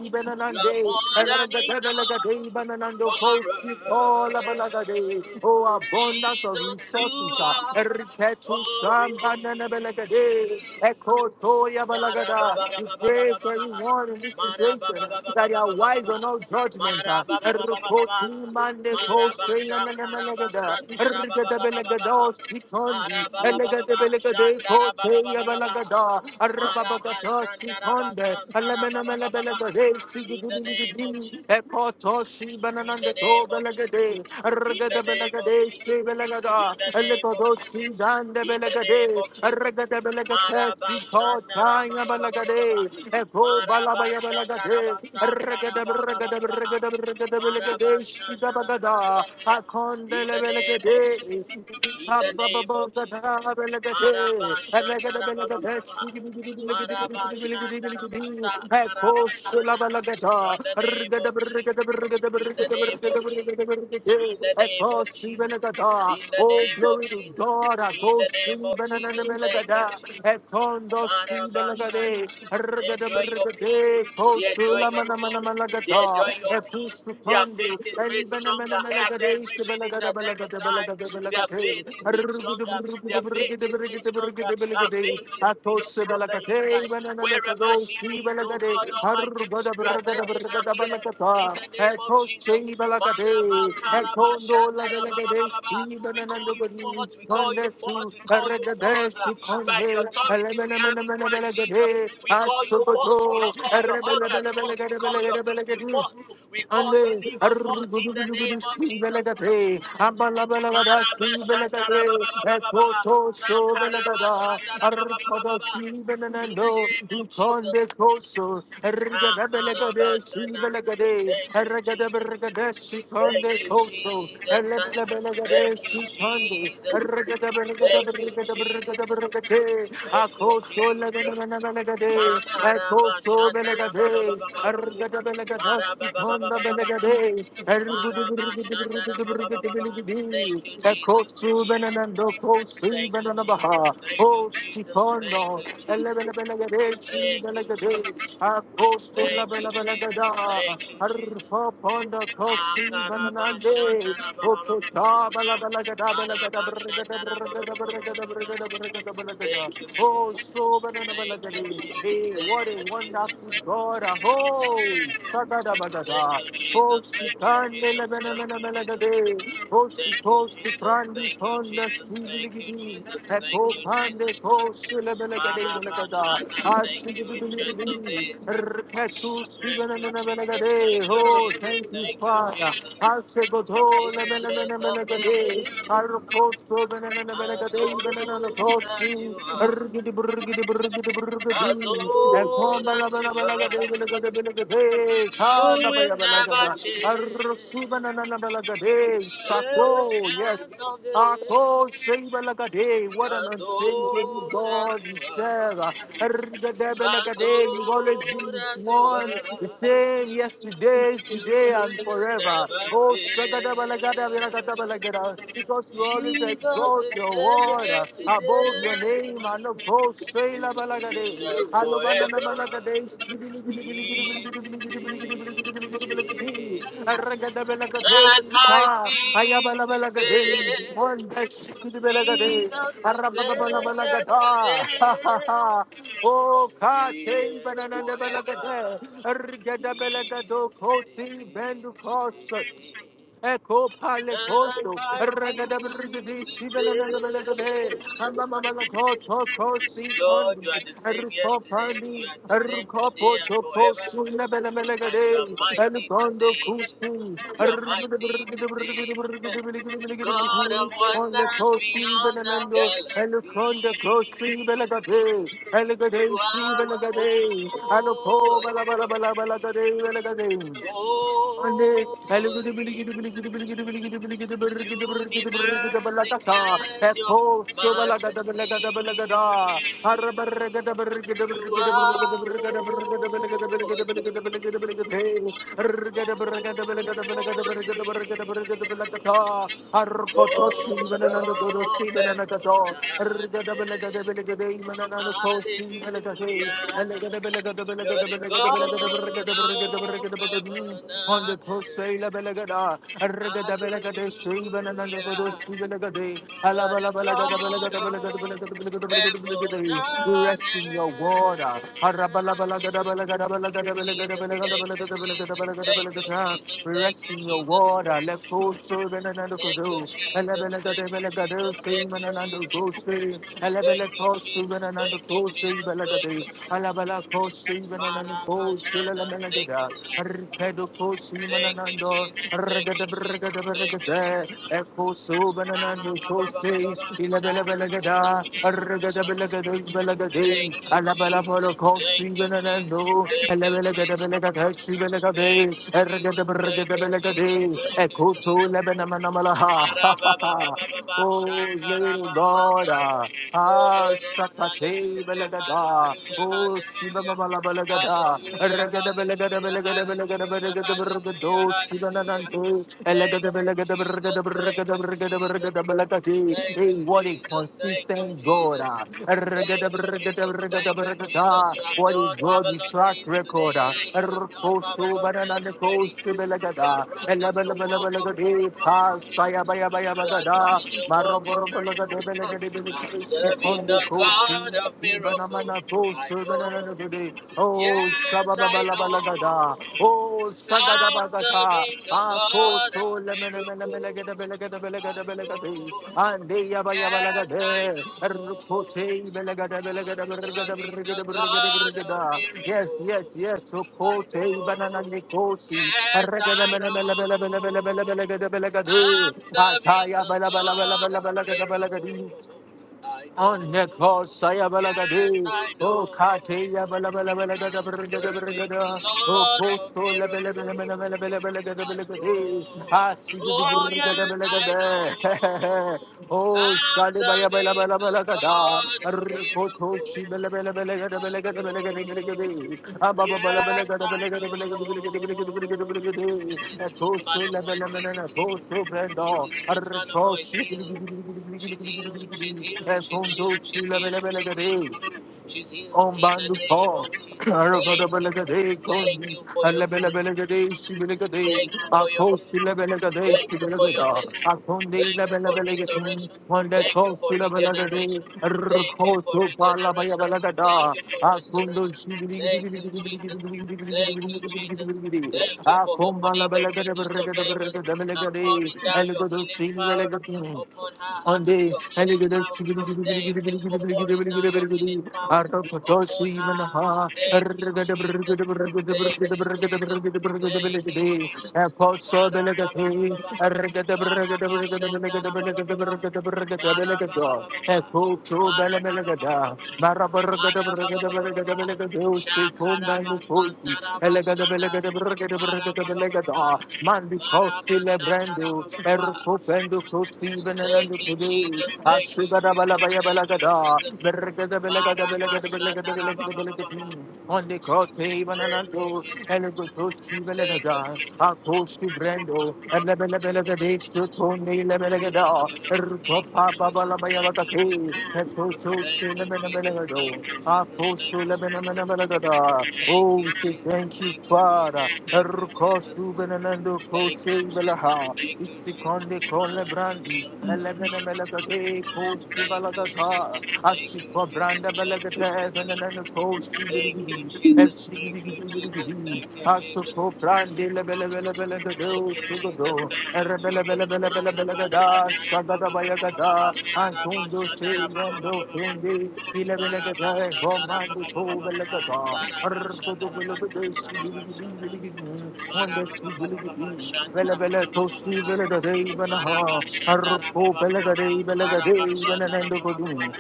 You're
bananande.
more than enough
Eragatabelagadei bananando
for
kosi
us.
kola balagadei. Oh, abundance of
Jesus, you
resources. ah.
are
Eriketu
all we need.
shambananabelegade. Echo toya
Mara ba
balagada.
ba ba
We
ba ba ba
pray
ba
for everyone in this
Mara ba
situation
ba ba ba
that
ba
they
ba
are
ba
wise on all judgment.
Mara
ah.
ba ba ba ba ba ba
Erikoti
ba.
mande
Mara ba shakara
kosi
ba
nananabelegada.
santara ba ba ba ba ba ba.
Erikatabelegado
Mara
sikondi.
ba ba ba ba ba.
Elegatabelegadei
Shana ba ba ba ba
koteya Balagada,
Mara ba
Arababagata,
shandara ba
Sikonde,
santara ba ba ba ba ba.
Alamanamalabelabade,
In the name of
Sigidibidi,
Jesus.
Ekoto,
In the
Shibananande, Go,
name of.
Belagade,
In the
Aragada
name of.
Belagade,
In
Sibelagada,
the name of.
Elekodo, Sidande
In the name of
Belagade,
Jesus.
Aragada Belagate, Sikotanga
Marabashandarabababababa.
Balagade, Eko Balabaya Balagade, Aragada Beragada
Marabashandarabasakarababababa.
Beragada Beragada Belagade,
Marabashandarababa.
Shidabagada,
In
Akondele
the name
Belagade,
of Jesus. In the
Oh,
name of Jesus.
glory
Marabashandarababababa. Marabashandarabasakarabashandarababa. In the name of the name of Jesus. In the name of Jesus. In the name of Jesus.
to God. I
In
go
the name
sing
of Jesus.
Benanamela.
Thank you.
Etondo
Marabashana
Sudelagade,
They enjoy your peace.
Ergadabregade,
They enjoy
Posula
your peace. They
Manamanamalaga,
enjoy your peace. Their
Epusukondi,
faith is made stronger at
Ashoko,
every minute, at every time. Their faith is made stronger. Their faith is stronger. Her faith is built from the inside. Wherever she is, oh God Almighty, you are sending her here in the name of Jesus. Manaba, Karaba, Shandaba, We call you forth, we call you forth, we call you forth uh, by the authority we have in Christ Jesus. We call you forth. We call your organs forth. We call your kidney forth. We call your lungs
Ande
in the
arugudugudugud
name of
si
Jesus.
belagade ambala belagada si belagade
Marabashandarabababababa.
eko to so belagada arkodo
Sakarabashandarabababababa.
si
In the
benendo
name of Jesus.
ikonde koso
Ah,
argada belagade si
marabashanda. Thank
belagade
you, Je-
argada belagade si
thank
konde
you,
koso
Jesus.
argada
Thank
belagade
you,
si konde
Jesus.
argada belagada
Thank you,
belagada belagada
Jesus.
belagade
Thank you,
akoso
Jesus.
lagada belagade eko so Oh, Sifondo,
Makarabashandarabababababa. Marababababababa. ma da Thank you, Jesus. Thank you, Jesus. Thank you, Jesus. Thank you, Jesus.
Elebelegade,
Thank you,
Belegade,
Jesus. Thank
Apostula
you, Jesus.
Belabelagada,
Thank you, Jesus.
Arpoponda, Cosi,
ma da
Bananande, Okota, Balabelagada, Belagada, Brigada, Brigada, Brigada, Brigada, Brigada, Brigada,
Thank you, Jesus.
Oh, so
Thank you, Jesus.
Hey, what
Thank
a
you, Jesus.
wonderful God. Oh,
Thank
Shagadabagada.
you,
Oh,
Jesus. Thank you,
Shikande
Jesus. Thank you, Jesus.
Lebenemenemelagade. Oh,
Thank you,
Shikos to
Jesus.
Prandi
Thank you,
Ponda
Jesus. Thank you,
Stiligidi.
Jesus.
At
Thank you, Jesus.
Popande Kos Lebelagade Lagada.
Marabashana, thank you, Ancient of
Ashigidi.
Days.
Repetu
Thank you, Jesus.
Stibenemenemelagade.
Thank you,
Oh, thank
Jesus.
you,
Thank you,
Father.
Jesus.
I'll say, go Ashego
Ancient of
Lebenemenemelagade.
Days,
Arposto
as old
Shako,
as you are, as old as you are, you will never change. Ancient
yes.
of Days,
Ako Shibalakade, what an
as
unchangeable
old as
God we
you are.
serve.
As
Ergadebelakade, You've
old
always been
as you
one, the
are,
same yesterday,
you
today,
will
and forever.
never
Oh,
fail.
Shagadabalagada, because you always
Jesus
exalt
is
your word
Savior
uh, above
today
your name. And of course, Shayla Balagade,
and
Alobanana
forever.
Balagade,
He is
Ah, Ragada Balagade,
and
Ka,
mighty
Ayabala
to
Balagade,
save.
one dash Balagade,
Jesus is
Arababala
Savior
Balagada.
today
(laughs) Oh, Kate,
and
Banana Balagade,
forever.
Ah, Rigada
He
Balagado, Koti,
is
Bendu Echo pale
None
costo,
mighty
ragada
to
brigadi, shibelen
save.
and relegade, and the mamma called Poco Sin
Lord,
Pondi,
you are the same
Ruko
yesterday, you
Pandi,
are the same
Ruko
today and
Porto
forever,
Posu,
and you are
Labanamelegade, and
mighty to
Pondo
save.
Kusi,
You are mighty to save. God of
on the
wonders
Kosi
beyond the
Benamendo, and the Conda
galaxy.
Kosi Belegade, Elegade,
You are holy,
Shibenagade, and the Po Balabalabalabalagade, Arcotoshi,
holy. Universe declares your majesty. You are holy,
even
God
another sort of
of
semen and a
heaven.
door. On
and earth. Hallelujah. You're the God of heaven and
the
earth.
coast, we rest in your water.
Hallelujah. You're the God of heaven
We
and
rest
earth. Jesus, thank you, Jesus, thank you, Jesus, thank you,
in your
Jesus,
water. Let go so
Thank you,
venanando
Jesus. Thank you,
Elebelegade,
Jesus.
same
Thank
and
you,
another
Jesus.
go say,
Thank
Elebele
you,
cost, even
Jesus.
another
Thank you,
go say,
Jesus. Thank
Belagade,
you, Jesus.
Alabala cost, even another go,
Marabashana. Thank you,
Silamelagada,
Jesus.
Peduko
Thank you,
Simanando,
Jesus. Thank you, Jesus. Thank you, Jesus.
Regadabrigadabrigade, Echo Subananando Cosi,
Marabababababashana.
Ilabelabelagada,
Marabashana. Thank
Regadabelagadabelagade,
you, Jesus.
Alabalapolo Cosi
Thank you, Jesus.
Bananando,
Thank you, Jesus.
Elabelagadabelegada,
Thank
Shibelegade,
you, Jesus. Thank you, Jesus. Thank you, Jesus.
Regadabregadabelagade, Echo to Lebanamanamalaha. (laughs) Oh, you will
Marabababababashakarabasan.
God.
Glory.
Ah, Sakate
Hallelujah, hallelujah,
Belagada,
hallelujah,
O Sibamala
hallelujah,
Balagada, Regada
hallelujah,
Belagada Belagada Belagada
hallelujah,
Belagada
hallelujah,
Bergado,
hallelujah.
Sibananante,
Thank you,
Elegada Belagada Bergada
thank
Bergada
you,
Bergada
Jesus.
Bergada Belagati,
Thank
a
you,
what a
thank you,
consistent God,
Jesus.
ah. Regada
Thank you,
Bergada
Jesus.
Bergada
Thank you, Jesus.
Bergada,
You have
what a
done
God with
marvelous
track
things
record,
today. You have done
Ercoso
marvelous things
Banana
already.
Coast
You are
Belagada,
rusting your
Elabella
work of
Belagade,
miracles.
Pass, Saya Baya Baya
You are
Bagada,
doing your work of
Maroboro
miracles.
Belagada
I'm serving the God of miracles. I know.
Oh,
Yes, I know.
Sababalagada. Oh,
I'm
Shagadabagata.
serving the God of
Akoto
miracles. I
lemenemenemelegedebelegedebelegedebelegedebelegede.
know, yes, I
Andeyabayabalagade.
know.
Erkote
Serving the God
belegedebelegedebelegedebelegedebelegedebelegedebelegeda.
of
Yes,
miracles.
yes, yes.
I
Okote banana
know,
nikosi.
yes, I know.
Erkedemenemelebelebelebelebelegedebelegede.
I'm serving
Ataya
the God of miracles.
balabalabalabalabalagedebelege.
I
On
know,
ne khosaya bala
yes,
gadhi,
I
oh
know.
khateya bala bala bala gada
I'm
brrr gada
serving
brrr
the
gada, oh
Lord of
kotho le bala bala mena bala
miracles.
bala bala gada
I
bala
know.
gadi, haasigudi
Oh
grrr gada
yes,
bala
I know
gada, (laughs) oh
I'm
shadi baya bala
serving
bala
the
bala gada.
God of
Recoshi,
miracles. Yes, I know. Mrs. Ruth Malamwa is healed. Mrs. Ruth Malamwa is healed. She's healed. She's healed. She's healed. She's healed. She's healed. She's healed
on
in the
bandu
name of
Paul.
Jesus. Thank you.
Arogodobelekade,
Thank
Kondi,
you for your healing.
Alebelebelekade, Shibelekade,
Thank you for your healing.
Akosilebelekade,
thank you for your
Shibelekada,
healing.
Akonde,
Thank you for
Lebelebelekade,
restoration.
Wanda
Thank you for regeneration.
Kosilebelekade,
Thank you for
Rukoto,
regeneration. Thank
Palabayabelekada,
you for restoration.
Akondo, Shibidi,
Thank you, Jesus. Thank you, Jesus. Thank you for opening the
Akombalabelekade,
windows of
Beregade, Beregade,
heaven,
Belegade,
pouring down your
Elegodo,
healing power
Shibelekade,
upon her.
on the and
Healing power. Thank you for pouring down your healing power upon her. Thank you, Jesus. Thank you, thank you, Jesus. Father, Bara bara bara bara bara bara bara bara bara bara bara bara. Thank you, Jesus. Thank
it is Arra Elegada belegada berregada berregada belegada. Mandi kosi lebrendu. Erkupendu kosi benelendu
you,
kudu.
Jesus. Thank you.
Ashugada balabaya
Thank
balagada. Berregada belegada belegada belegada belegada belegada. Ondi kote
you,
bananando.
Jesus. Thank
Elegutosi
you, Jesus. Thank you. Thank you, Jesus. Thank you, Jesus. Thank you, Jesus. Thank you, Jesus. Thank you, Jesus.
belegada.
Thank
Akosi brendo. Elebele belegada. Shukoni lebelegada. Erpapa Oh, we say thank you,
you, Jesus.
Father.
Thank you,
Erkosu
Jesus. Thank
benenendo kose
you, Jesus.
belaha.
Thank you, Jesus.
Isikonde kole
Thank
brandi. Elebene melagade kosu
you, Jesus.
balagada.
Thank you,
Asiko
Jesus.
branda
Thank you, Jesus.
belagade benenendo kosi
Thank you, Jesus. Thank you, Jesus. Thank you,
beligidi.
Jesus. Thank
Elsigidi
you,
beligidi. Brandile Bele Bele Bele Gadu Sugado, Rebele Bele
Jesus.
Bele Bele Bele Gada,
Thank you,
Sagada
Jesus.
Bayagada, Antundo
Sarabasha,
Silendo Tundi, Ilebele Gada, Romandi Pobele
Sarabasha,
Gada, Rugudu Bele
Sarabasha,
Bele Shibili,
Sarabasha,
Wanda
Sarabasha,
Shibili, Bele
Sarabasha,
Bele
Thank you,
Kosi Bele Gade
Jesus.
Banaha, Arpo Bele Gade Bele Gade, Benanendo Godu,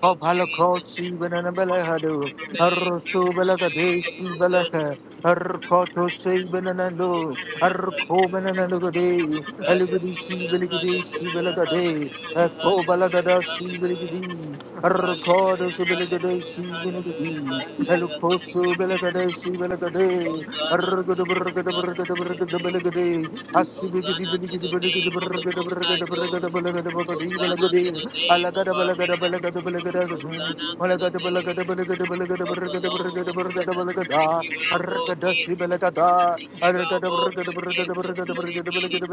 O Palakosi Benanabelehadu,
Thank you,
Arso Belagades
Jesus.
Belaka, Arkoto Sabananando, Arko Benanagade, Elugadi
Hallelujah,
Beligadi
hallelujah, hallelujah,
Belagade, Ako
hallelujah,
Balagada
hallelujah.
Sibiligadi, Arkoto
Hallelujah,
Sibiligade
hallelujah, hallelujah,
Sibiligadi,
hallelujah. Thank you,
Elukoso
Jesus.
Belagade Sibiligade,
Hosanna to
Argoda
you,
Burgada
Hosanna
Burgada
to your
Burgada
name.
Beligade, Asibigadi
Hosanna to
Beligadi
the
Beligadi
name of the
Burgada
Most High
Burgada Burgada
God. Hosanna to
Beligadi
the
Alagada
name of our King. Goes on out to the name of the Lord. Thank you, our Lord. Get our Lord. Good gifts, including healing.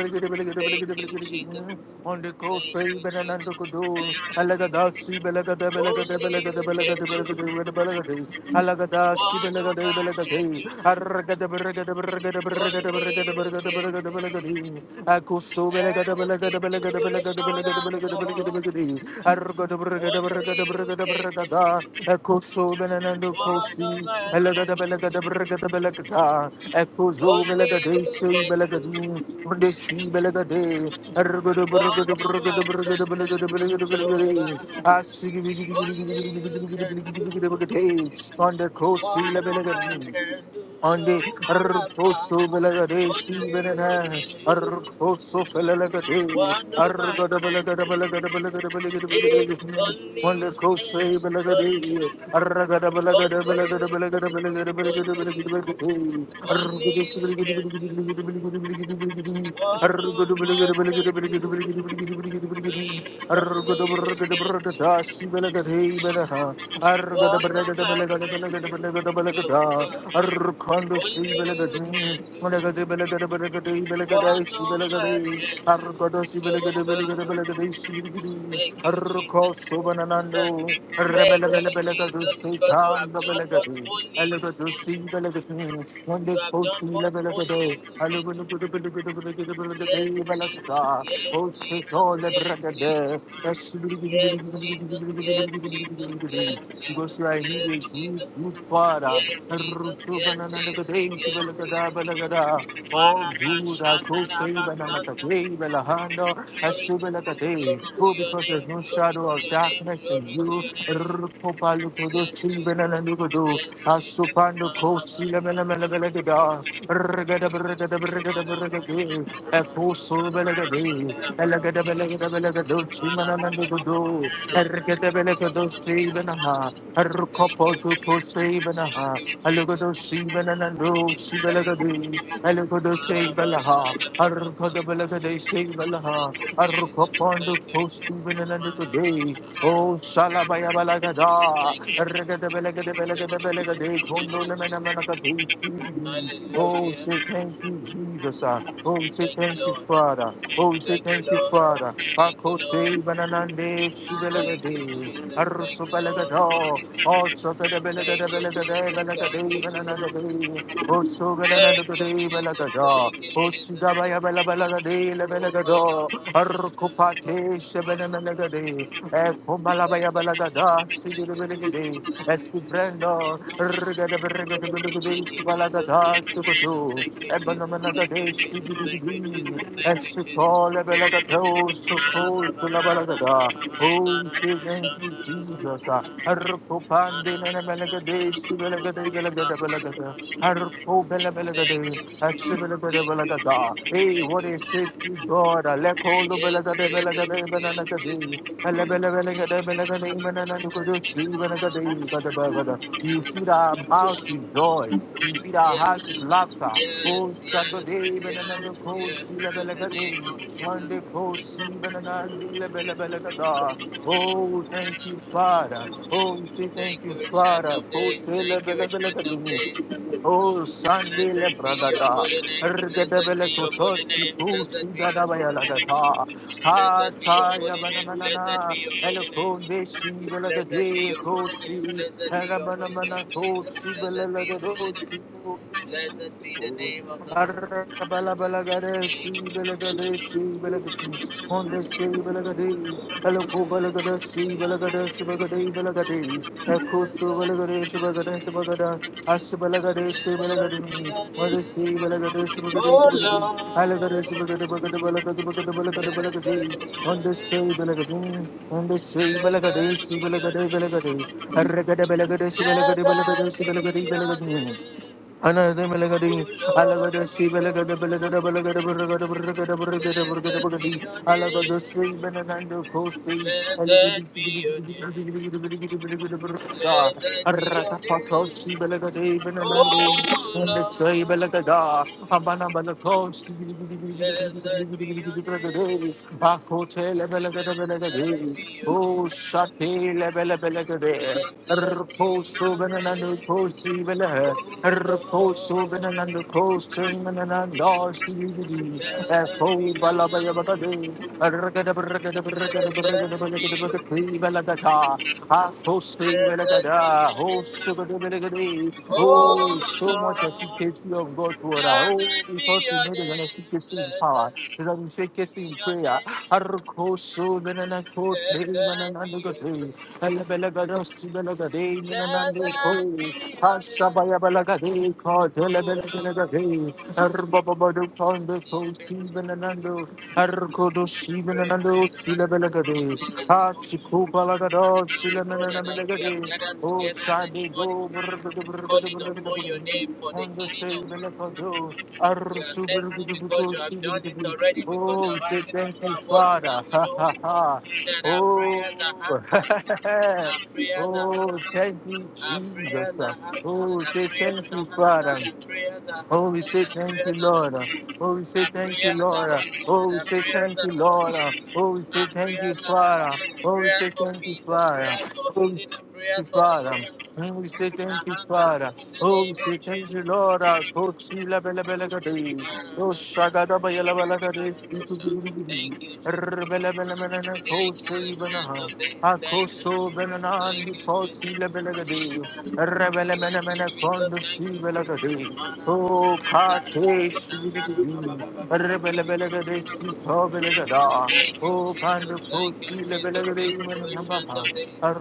Thank you, Jesus.
on the coast,
Thank
even
you,
and
Jesus.
under Kudu,
Thank you, Jesus.
Alagada, Sibelaga, the Belaga, the
Only
Belaga, the
you
Belaga,
can
the
do
Belaga, the Belaga, the Alagada,
what no
Sibelaga, the
man
Belaga,
can
the
do.
Araga, the Berga, the Berga, the
Only
Berga, the
you
Berga, the Berga, the
can
Berga, the Belaga,
take
the Akusu, Belaga, the
every
Belaga, the Belaga, the Belaga,
situation
the Belaga, the Belaga,
at
the Belaga, the Belaga, the
all.
Belaga, the Argo, the Berga, the Berga,
Only
the
you
Berga, da
can,
braga da, eko so benenando
what no
kosi,
man
elada
can.
da belaga da braga da belaga da, eko zo belaga
Only
de
you
so
can. do
belaga di, unde si belaga de, ergo da braga
What
da
no
braga
man
da braga da
can
belaga da belaga da belaga de,
Jehovah,
asigi bigi bigi
only
bigi bigi
you
bigi bigi bigi
can do.
bigi bigi bigi bigi bigi de, Belega. I see on the kosi
What
la
no man
belaga
can do,
on the
Jehovah Rapha,
Arcoso Belagade,
only you
Benana,
can do.
Arcoso Pelagade,
What no man
Argada
can
Belagada
do,
Belagada Belagada
eh,
Belagada
only
on the
you can.
Cosse Belagade, Aragada
Only,
Belagada Belagada
only
Belagada Belagada Belagada Belagada
you, only,
Argada
only you can do.
Belagada
What
Argo
no
de Belagada
man
Belagada
can
Belagada Belagada Belagada Belagada,
we
Argo
only
de
you can
Belagada Arrgada
do what no man can do, Jehovah. Only you can do what no man can do. Jehovah, thank you, Jesus. Thank you, Jesus, because you have done what only you can do. You have done what only you can do.
because you are
Yes,
need
Jesus, yes, Jesus, yes, Jesus. Yes, Jesus, yes, Jesus, yes, Jesus,
a
yes,
good,
Jesus.
good father.
Yes, Jesus, yes, Jesus, yes, Jesus.
Oh, good, I could say, banana,
Maramashandarabasata.
belahanda,
Glory to glory
ashubelakade.
to
Oh,
your
because there's
name,
no
glory to
shadow of
your name,
darkness in
glory to
you.
your name. Yes,
Belele
Jesus.
Nugudu,
Yes, Jesus.
Asufando Kosila Melamela Belegada, Regada Beregada Beregada Beregadi,
Marabashandarabasata.
Ekosu Belegadi, Elegada
Marabashandarabasata.
Belegada Belegadu, Chimana Nugudu, Ergada Belegado Sibanaha, Rukopo to Kosibanaha,
Thank you, Jesus.
Alugudu Sibanandu,
Thank you,
Sibelegadi,
Jesus.
Alugudu Sibalaha, Arukada
Marabashandarabasata.
Belegade
Thank you,
Sibalaha,
Jesus.
Arukopondo
Thank you,
Kos even in
Jesus.
the day. Oh
Marabashakarabasa.
Shalabaya Balagada.
Thank you, Jesus. Thank you, Jesus.
Regadabelagadabelagadabelagade.
Thank you,
Kondo
Jesus.
Lemenamanakatu. Oh
Hallelujah.
say thank you, Jesus. ah. Oh
Thank
say
you,
thank you,
Lord.
Father. Oh say
Thank you,
thank you,
Lord. Thank
Father.
you, Lord.
Akote Bananande
Thank you,
Shibelagade.
Jesus. Thank you, Lord.
Arusopelagada. Oh Sopeda Belaga
Thank you,
Belaga
Jesus.
de
Thank you, Jesus.
Sopelagada de Belagade de. O Sugananagade
Thank you, Jesus. Thank you,
Belagada, O
Jesus.
Sigabaya Belabelagade, Lebelagado,
Marabashakarabasa.
Arkupate,
Thank
Shebenemelagade, Ekumalabaya Belagada,
you, Jesus. Thank
Sigilibelagade,
you, Jesus.
Estibrendo, Rigadabregade,
Thank you, Jesus.
Balagada,
Thank you, Jesus.
Sukutu,
Thank you, Jesus. Thank you,
Ebanamanagade,
Jesus. Thank you,
Sigidibi,
Jesus. Thank you, Jesus.
Esukol, Ebelagato,
Ara ba ba
Sukul,
ba ra ba
Sulabalagada,
ba ba sa
Oh,
ra ba
thank
sha
you,
na ra ba
Jesus.
ba
Arkupande, Nanamanagadeh, Sibelagade, Belagada, Belagada. Arpo bele bele
Thank
gede,
you, Jesus.
ashibele gade
Thank
bele
you,
gada.
Jesus.
Hey,
Thank
what
you,
is it,
Jesus.
God? Aleko lo bele
Yes,
gede bele
Jesus.
gede bele na
Yes,
gade.
Jesus.
Ele bele bele gade bele gede bele na gede shi bele gade gede bele gede. You feed our mouths with joy. You feed our
Yes,
hearts with laughter. Oh,
yes, yes,
Saturday, bele na de
yes,
ko shi
yes.
le
In
bele
the name
gade.
of
One day
Jesus.
ko shi bele na li le bele bele
Thank
gada.
you, Ancient of Days.
Oh, thank you, Father. Oh, we say thank
Thank
you, Father. oh shi le
you,
bele bele
Ancient of
gade.
Days.
Oh, Sunday le
Blessed be your
pradada,
holy name. Blessed
rgedebele
be your holy
kotosi
name. Blessed
kusi
be your
gada
holy
bayala
name.
gata, ha
Blessed be your
ta ya
holy
bana
name.
mana
Blessed
na,
be your
ele
holy name.
konde shi bele
Blessed be
gede
your holy name.
kosi,
Blessed be
era
your holy
bana
name,
mana
Jesus.
kosi bele
Blessed be your holy name.
le
Blessed be
Hallelujah.
the name of the Lord. Blessed be your name. Blessed be your name. Oh Lord, blessed be your name, blessed be your name, blessed be your name.
Anademelagadin,
Oh
Alagada
Lord,
Shibelega, the Belega, the Belega, the Burga, the Burga, the Burga, the Burga, the
blessed be your
Burga,
name,
Alagada Sri Benanando, Coasting,
blessed be your name, blessed be your
Rakapato,
name.
Shibelega,
Oh
Benanando,
Lord, blessed be your name, blessed
and
be your name,
Oh, shut the level
blessed be your name.
Rposo benanando posi
Oh
bela.
Lord,
Rposo benanando posi mananando sibidi.
blessed
Fo bala bala bala de. Rgada brgada brgada brgada brgada brgada pri bala gata. A posi bela gada. Host bela bela gada.
Oh
Oh, so much
Lord,
efficacy of God's word. Oh,
blessed be
because we
your
made an
name,
efficacy in
blessed
power. That we take us
be
in
your
prayer.
name,
Arkoso menanako te
blessed be your
menananugade. Elebelagadosi belagade
name, blessed
menananduko.
be your name.
Hashabaya belagade kodelebelegade. Arbababado kondo kosi menanando. Arkodosi
Prayer
menanando silebelagade.
We
Hasikubalagado
know that as we have
silemenanamegade.
gathered
Oh,
together
Sunday,
this
go.
morning, calling upon your name for the
Under
healing of.
Shebelekado,
We are thankful because
Arshubelekidubiko,
you have done it
Shebelekidi.
already, because you
Oh,
are
we say
writing on
thank you,
our voices,
Father.
and we
Ha
know
ha ha.
that our prayers are
Oh,
answered,
(laughs)
our prayers are
oh,
answered,
thank you,
our prayers
Jesus.
are
Oh,
answered,
we
our
say
prayers
thank you,
are answered,
Father.
our prayers are
Oh, we say thank you,
answered,
Lord. Oh, we
our prayers are answered,
say
our
thank you,
prayers are
Lord. Oh,
answered,
we
our
say
prayers
thank
are
you, Lord. Oh, we
answered,
say
our
thank you,
prayers are answered.
Father. Oh, we
Prayers
say
for
thank you,
peace, prayers for
Father
healing, our
you,
prayers for
Father.
deliverance,
And we say thank you,
our answers
Father.
in the
Oh, we
name
say thank you, Lord. Our coach, she bella bella gadi. Oh,
of
shagada bella bella gadi. See to the
Jesus.
goody goody.
Thank you, Jesus.
Rrr, Bella bella bella na
Thank you, Jesus.
coach, she
Thank you,
banaha. Our
Jesus.
coach, so bananan,
Thank
who
you,
calls she
Jesus.
la bella gadi. Rrr, Bella bella bella
Jesus,
condo, she
thank you,
bella
Jesus.
gadi.
Mana,
Oh,
mana,
carte,
sana,
she bella
nana, ba, ba,
gadi.
ba, ba,
Rrr,
ba.
she call bella gada.
Thank you,
Oh, panda
Jesus.
coach,
Thank you,
she la
Jesus.
bella
Thank you,
gadi,
ancient
manaha.
of days.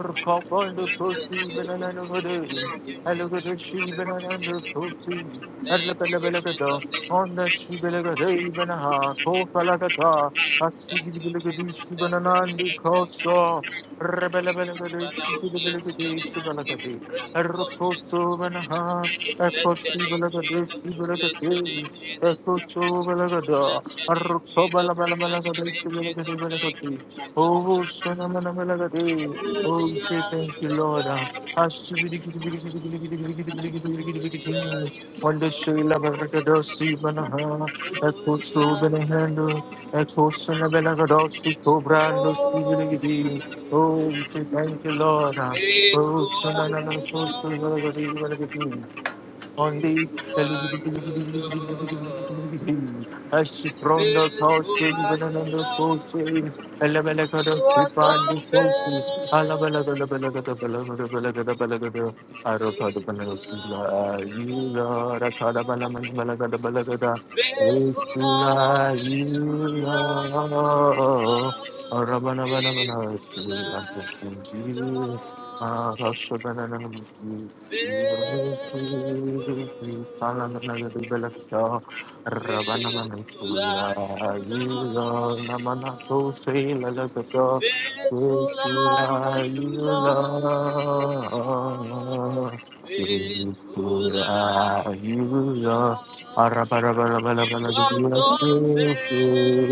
We bless you, Jesus. We bless you, Jesus. We bless you, Jesus. Thank you, ancient of days. Thank you, Jesus. Thank you, Jesus. Thank you. Father, we bless your name. We give you praise, Lord Jesus. We bless your name, Jesus. We bless your name, Jesus. We bless your name, Jesus. We bless your name,
belagadesh,
Jesus. Thank you,
belagadesh.
Jesus.
Oh, shana mana belagadesh. Oh,
Holy
we say
are
thank
you,
you,
Lord.
Lord. Uh, Wonder Sheila
Holy are you, Lord.
Barricado, Sibanaha, Echo
Holy are you,
Subanahando, Echo Sunabelagado, Suko Brando,
Lord. Holy,
Sibiligidi. Oh, we say thank you, Lord. Uh, Oh,
faithful are
Sunanana,
you,
Echo
Lord.
Subanagadi, on this.
Faithful are you, Lord.
Ashiprondos house
Faithful are
children and
you,
under
Lord.
pushes.
You
Elabelakados,
are so
Hipandi pushes. Alabelakadabelakadabelakadabelakadabelakada. Arakadabalas, you
faithful.
Lord, Akadabalaman, Balakadabalakada. With
Faithful
you,
are
Lord, you
you, Lord.
Lord. Rabba
Faithful are you, Lord. Faithful. Faithful are you, Lord. Faithful are you, Lord. Faithful are you. Lord.
Thank
You are so faithful.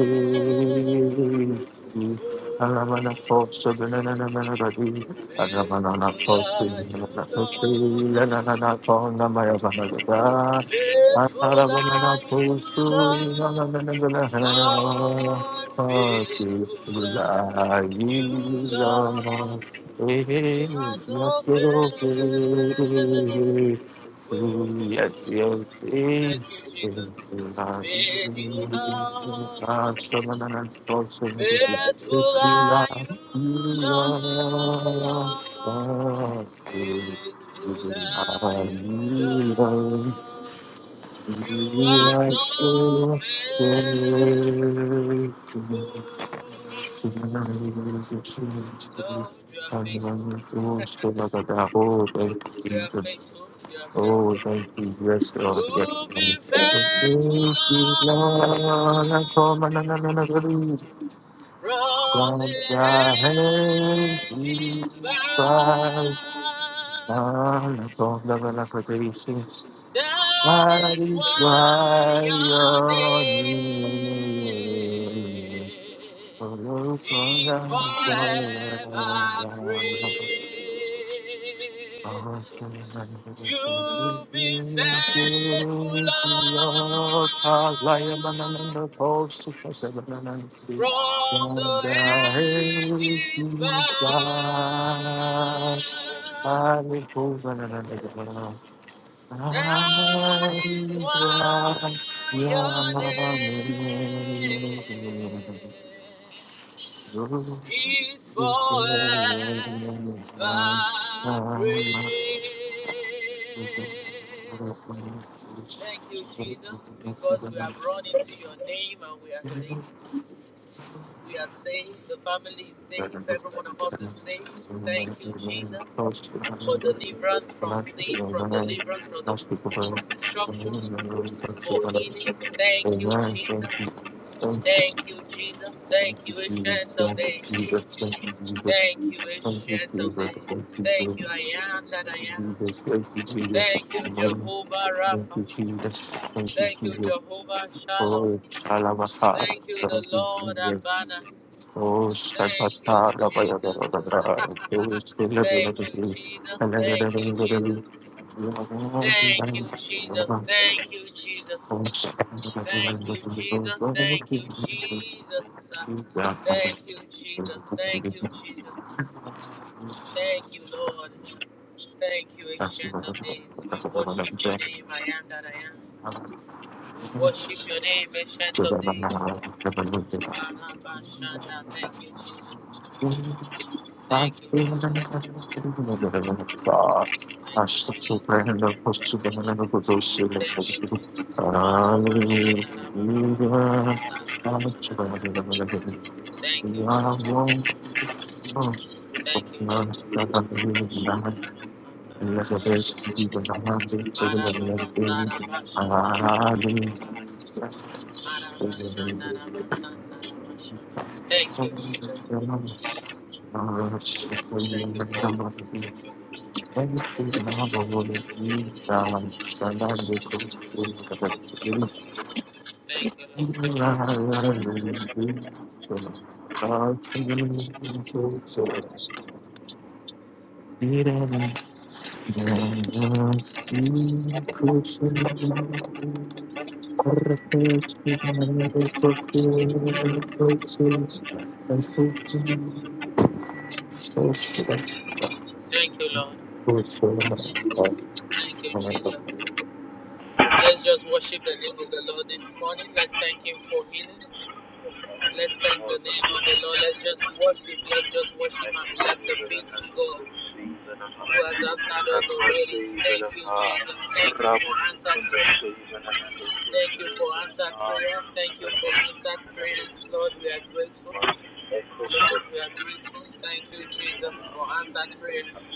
Faithful are you, Lord. Faithful are you, Lord. God, faithful are you, Lord. You are so faithful.
Thank
Thank you, Jesus. Faithful are you, faithful are you, Lord. It's who you love. You are so faithful. Lord, you are faithful. (laughs) We are
you.
faithful. You are faithful.
Oh, thank you, yes, Lord, yes,
You've
Lord. (laughs) Thank
faithful,
you,
Lord,
Lord, I come and I believe
from the
that thy hand is
ages
Christ,
past.
and I the and I praise you.
That
I
is why
require
your
your
name
name. Oh, Lord, I
is
come
forever
and
praised.
Thank
You've been faithful, Lord, from the ages past. That is why your name is forever
you. Amen. Thank you.
praised. Thank you, Jesus, because we have run into your name and we are saved. We are saved. The family is saved. Every one of us is saved. Thank you, Jesus, for deliverance from sin, from deliverance from the from destruction. Thank you, Jesus. Thank you, Jesus.
Thank you.
Thank
Thank
you,
you, Jesus.
it's Shanto
Thank
Day.
you, Jesus. Thank you, Jesus.
Thank you, it's
Thank you, Jesus. Thank you,
Shanto
Jesus.
Day. Thank you, I am that I am.
Thank you, Jesus.
Thank you,
Amen. Thank you, Jesus.
Jehovah Rapha.
Thank you,
Thank you,
Jesus.
Jehovah Shalom.
Oh, Shalabasa.
Thank you, the
Thank you,
Lord
Jesus.
Abana.
Thank you.
Thank you.
are the one who
(laughs) Thank you, Jesus. Thank you, Jesus. Thank you, Jesus. Thank you, Jesus. Thank you, Jesus. Thank you, Jesus. Thank you, Jesus. Thank you, Jesus. Thank you, Lord. Thank you, Ancient of Days. We worship your name, I am that I am. We worship your name, Ancient of Days. Manabashanda. Thank you, Jesus.
is the one
Thank
Hallelujah.
you, Jesus. Thank you, Jesus. Thank you, Jesus. Manabashanda. Thank you, Jesus. Thank you, Jesus. Thank you, Jesus. Thank you, Jesus. Thank you, Lord. Thank
Thank
you, Lord. Thank you, Lord. Thank you, Jesus. Let's just worship the name of the Lord this morning. Let's thank Him for healing. Let's thank the
you.
name of the Lord. Let's just worship. Let's just worship and bless the God who has answered us already. Thank you, Jesus. Thank you for answered prayer. Thank you for answered prayers. Thank you for answered prayers. Lord, we are grateful.
Thank
Lord, we are
you.
grateful. Thank you, Jesus, for answered prayers.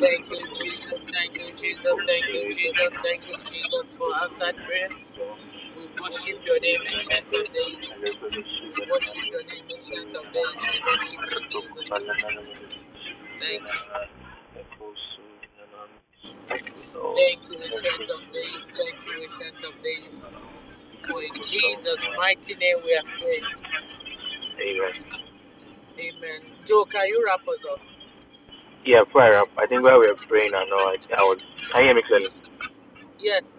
Thank you, Jesus. Thank you, Jesus. Thank you, Jesus. Thank you, Jesus, for answered prayers. We worship your name, Ancient of Days. We worship your name, Ancient of Days. We worship you, Jesus. Thank you. Thank you, Ancient of Days. Thank you, Ancient of Days. For in Jesus' mighty name we have prayed. Amen. Joe, can you wrap us up?
Yeah, prayer up. I think while we were praying, I know I, I was. I you hear me clearly?
Yes,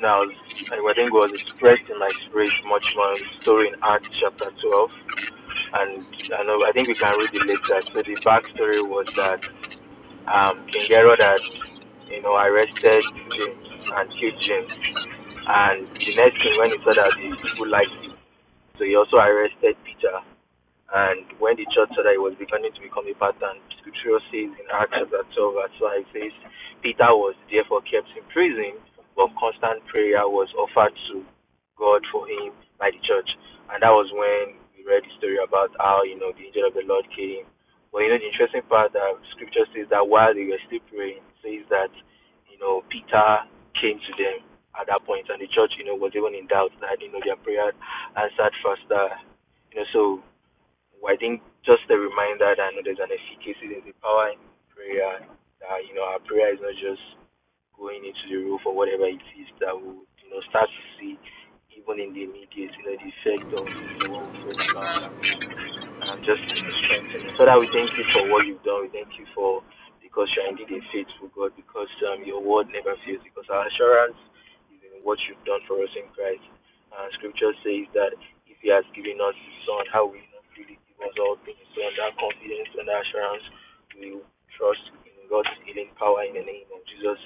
Now, and I think was expressed in my spirit much more in the story in Acts chapter 12. And I know I think we can read it later. So the backstory was that um, King Herod had, you know, arrested James and killed James. And the next thing, when he saw that the people liked him, so he also arrested Peter. And when the church said that it was beginning to become a pattern, scripture says in Acts chapter 12, verse 5, says, Peter was therefore kept in prison, but constant prayer was offered to God for him by the church. And that was when we read the story about how, you know, the angel of the Lord came. But, you know, the interesting part that scripture says that while they were still praying, it says that, you know, Peter came to them at that point, and the church, you know, was even in doubt that, you know, their prayer answered faster you know, so well, I think just a reminder that I know there's an efficacy, there's a power in prayer. That you know, our prayer is not just going into the roof or whatever it is that we would, you know start to see even in the immediate, you know, the effect of you know what we prayed
Amen.
about um, just to be strengthened. Father, we thank you for what you've done. We thank you for because you are indeed a faithful God, because um, your word never fails, because our assurance is in what you've done for us in Christ. Uh, scripture says that if he has given us his son, how will he not freely give us all things? So on that confidence and assurance, we trust in God's healing power in the name of Jesus,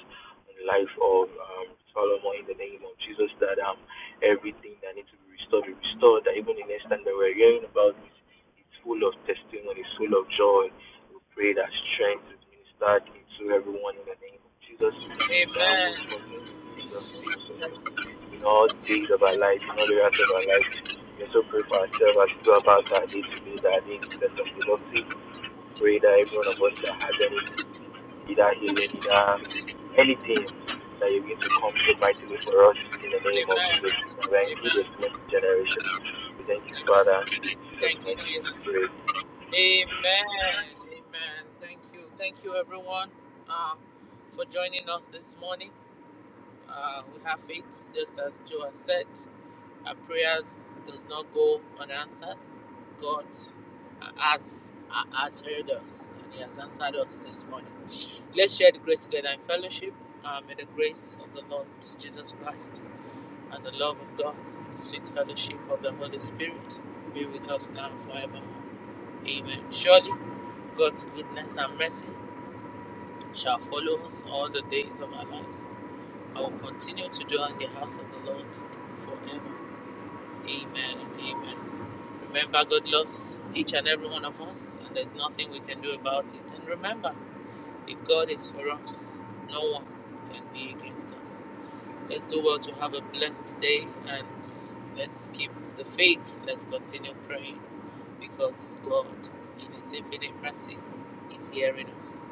in the life of um, Solomon, in the name of Jesus, that um, everything that needs to be restored be restored, that even the next time that we're hearing about this it's full of testimonies, full of joy. We pray that strength is ministered into everyone in the name of Jesus, that we will continue to see your faithfulness in all days of our life, in all the rest of our life. We also pray for ourselves as we go about our day to day, that our day is blessed and productive. Pray that every one of us that has any, either healing, either anything, that you are going to come so mightily for us in the name of
Amen.
Jesus, that we are indeed
Amen.
a blessed generation. We thank you,
Amen.
Father, in Jesus'
Thank you,
mighty name. we
Jesus.
Pray.
Amen. Amen. Thank you. Thank you, everyone, um, for joining us this morning. Uh, we have faith, just as Joe has said. Our prayers does not go unanswered. God uh, has, uh, has heard us and He has answered us this morning. Let's share the grace together in fellowship. Uh, may the grace of the Lord Jesus Christ and the love of God, the sweet fellowship of the Holy Spirit be with us now and forever. Amen. Surely God's goodness and mercy shall follow us all the days of our lives. I will continue to dwell in the house of the Lord forever. Amen and amen. Remember, God loves each and every one of us, and there's nothing we can do about it. And remember, if God is for us, no one can be against us. Let's do well to have a blessed day and let's keep the faith. Let's continue praying because God, in His infinite mercy, is hearing us.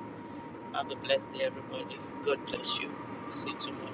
Have a blessed day, everybody. God bless you. See you tomorrow.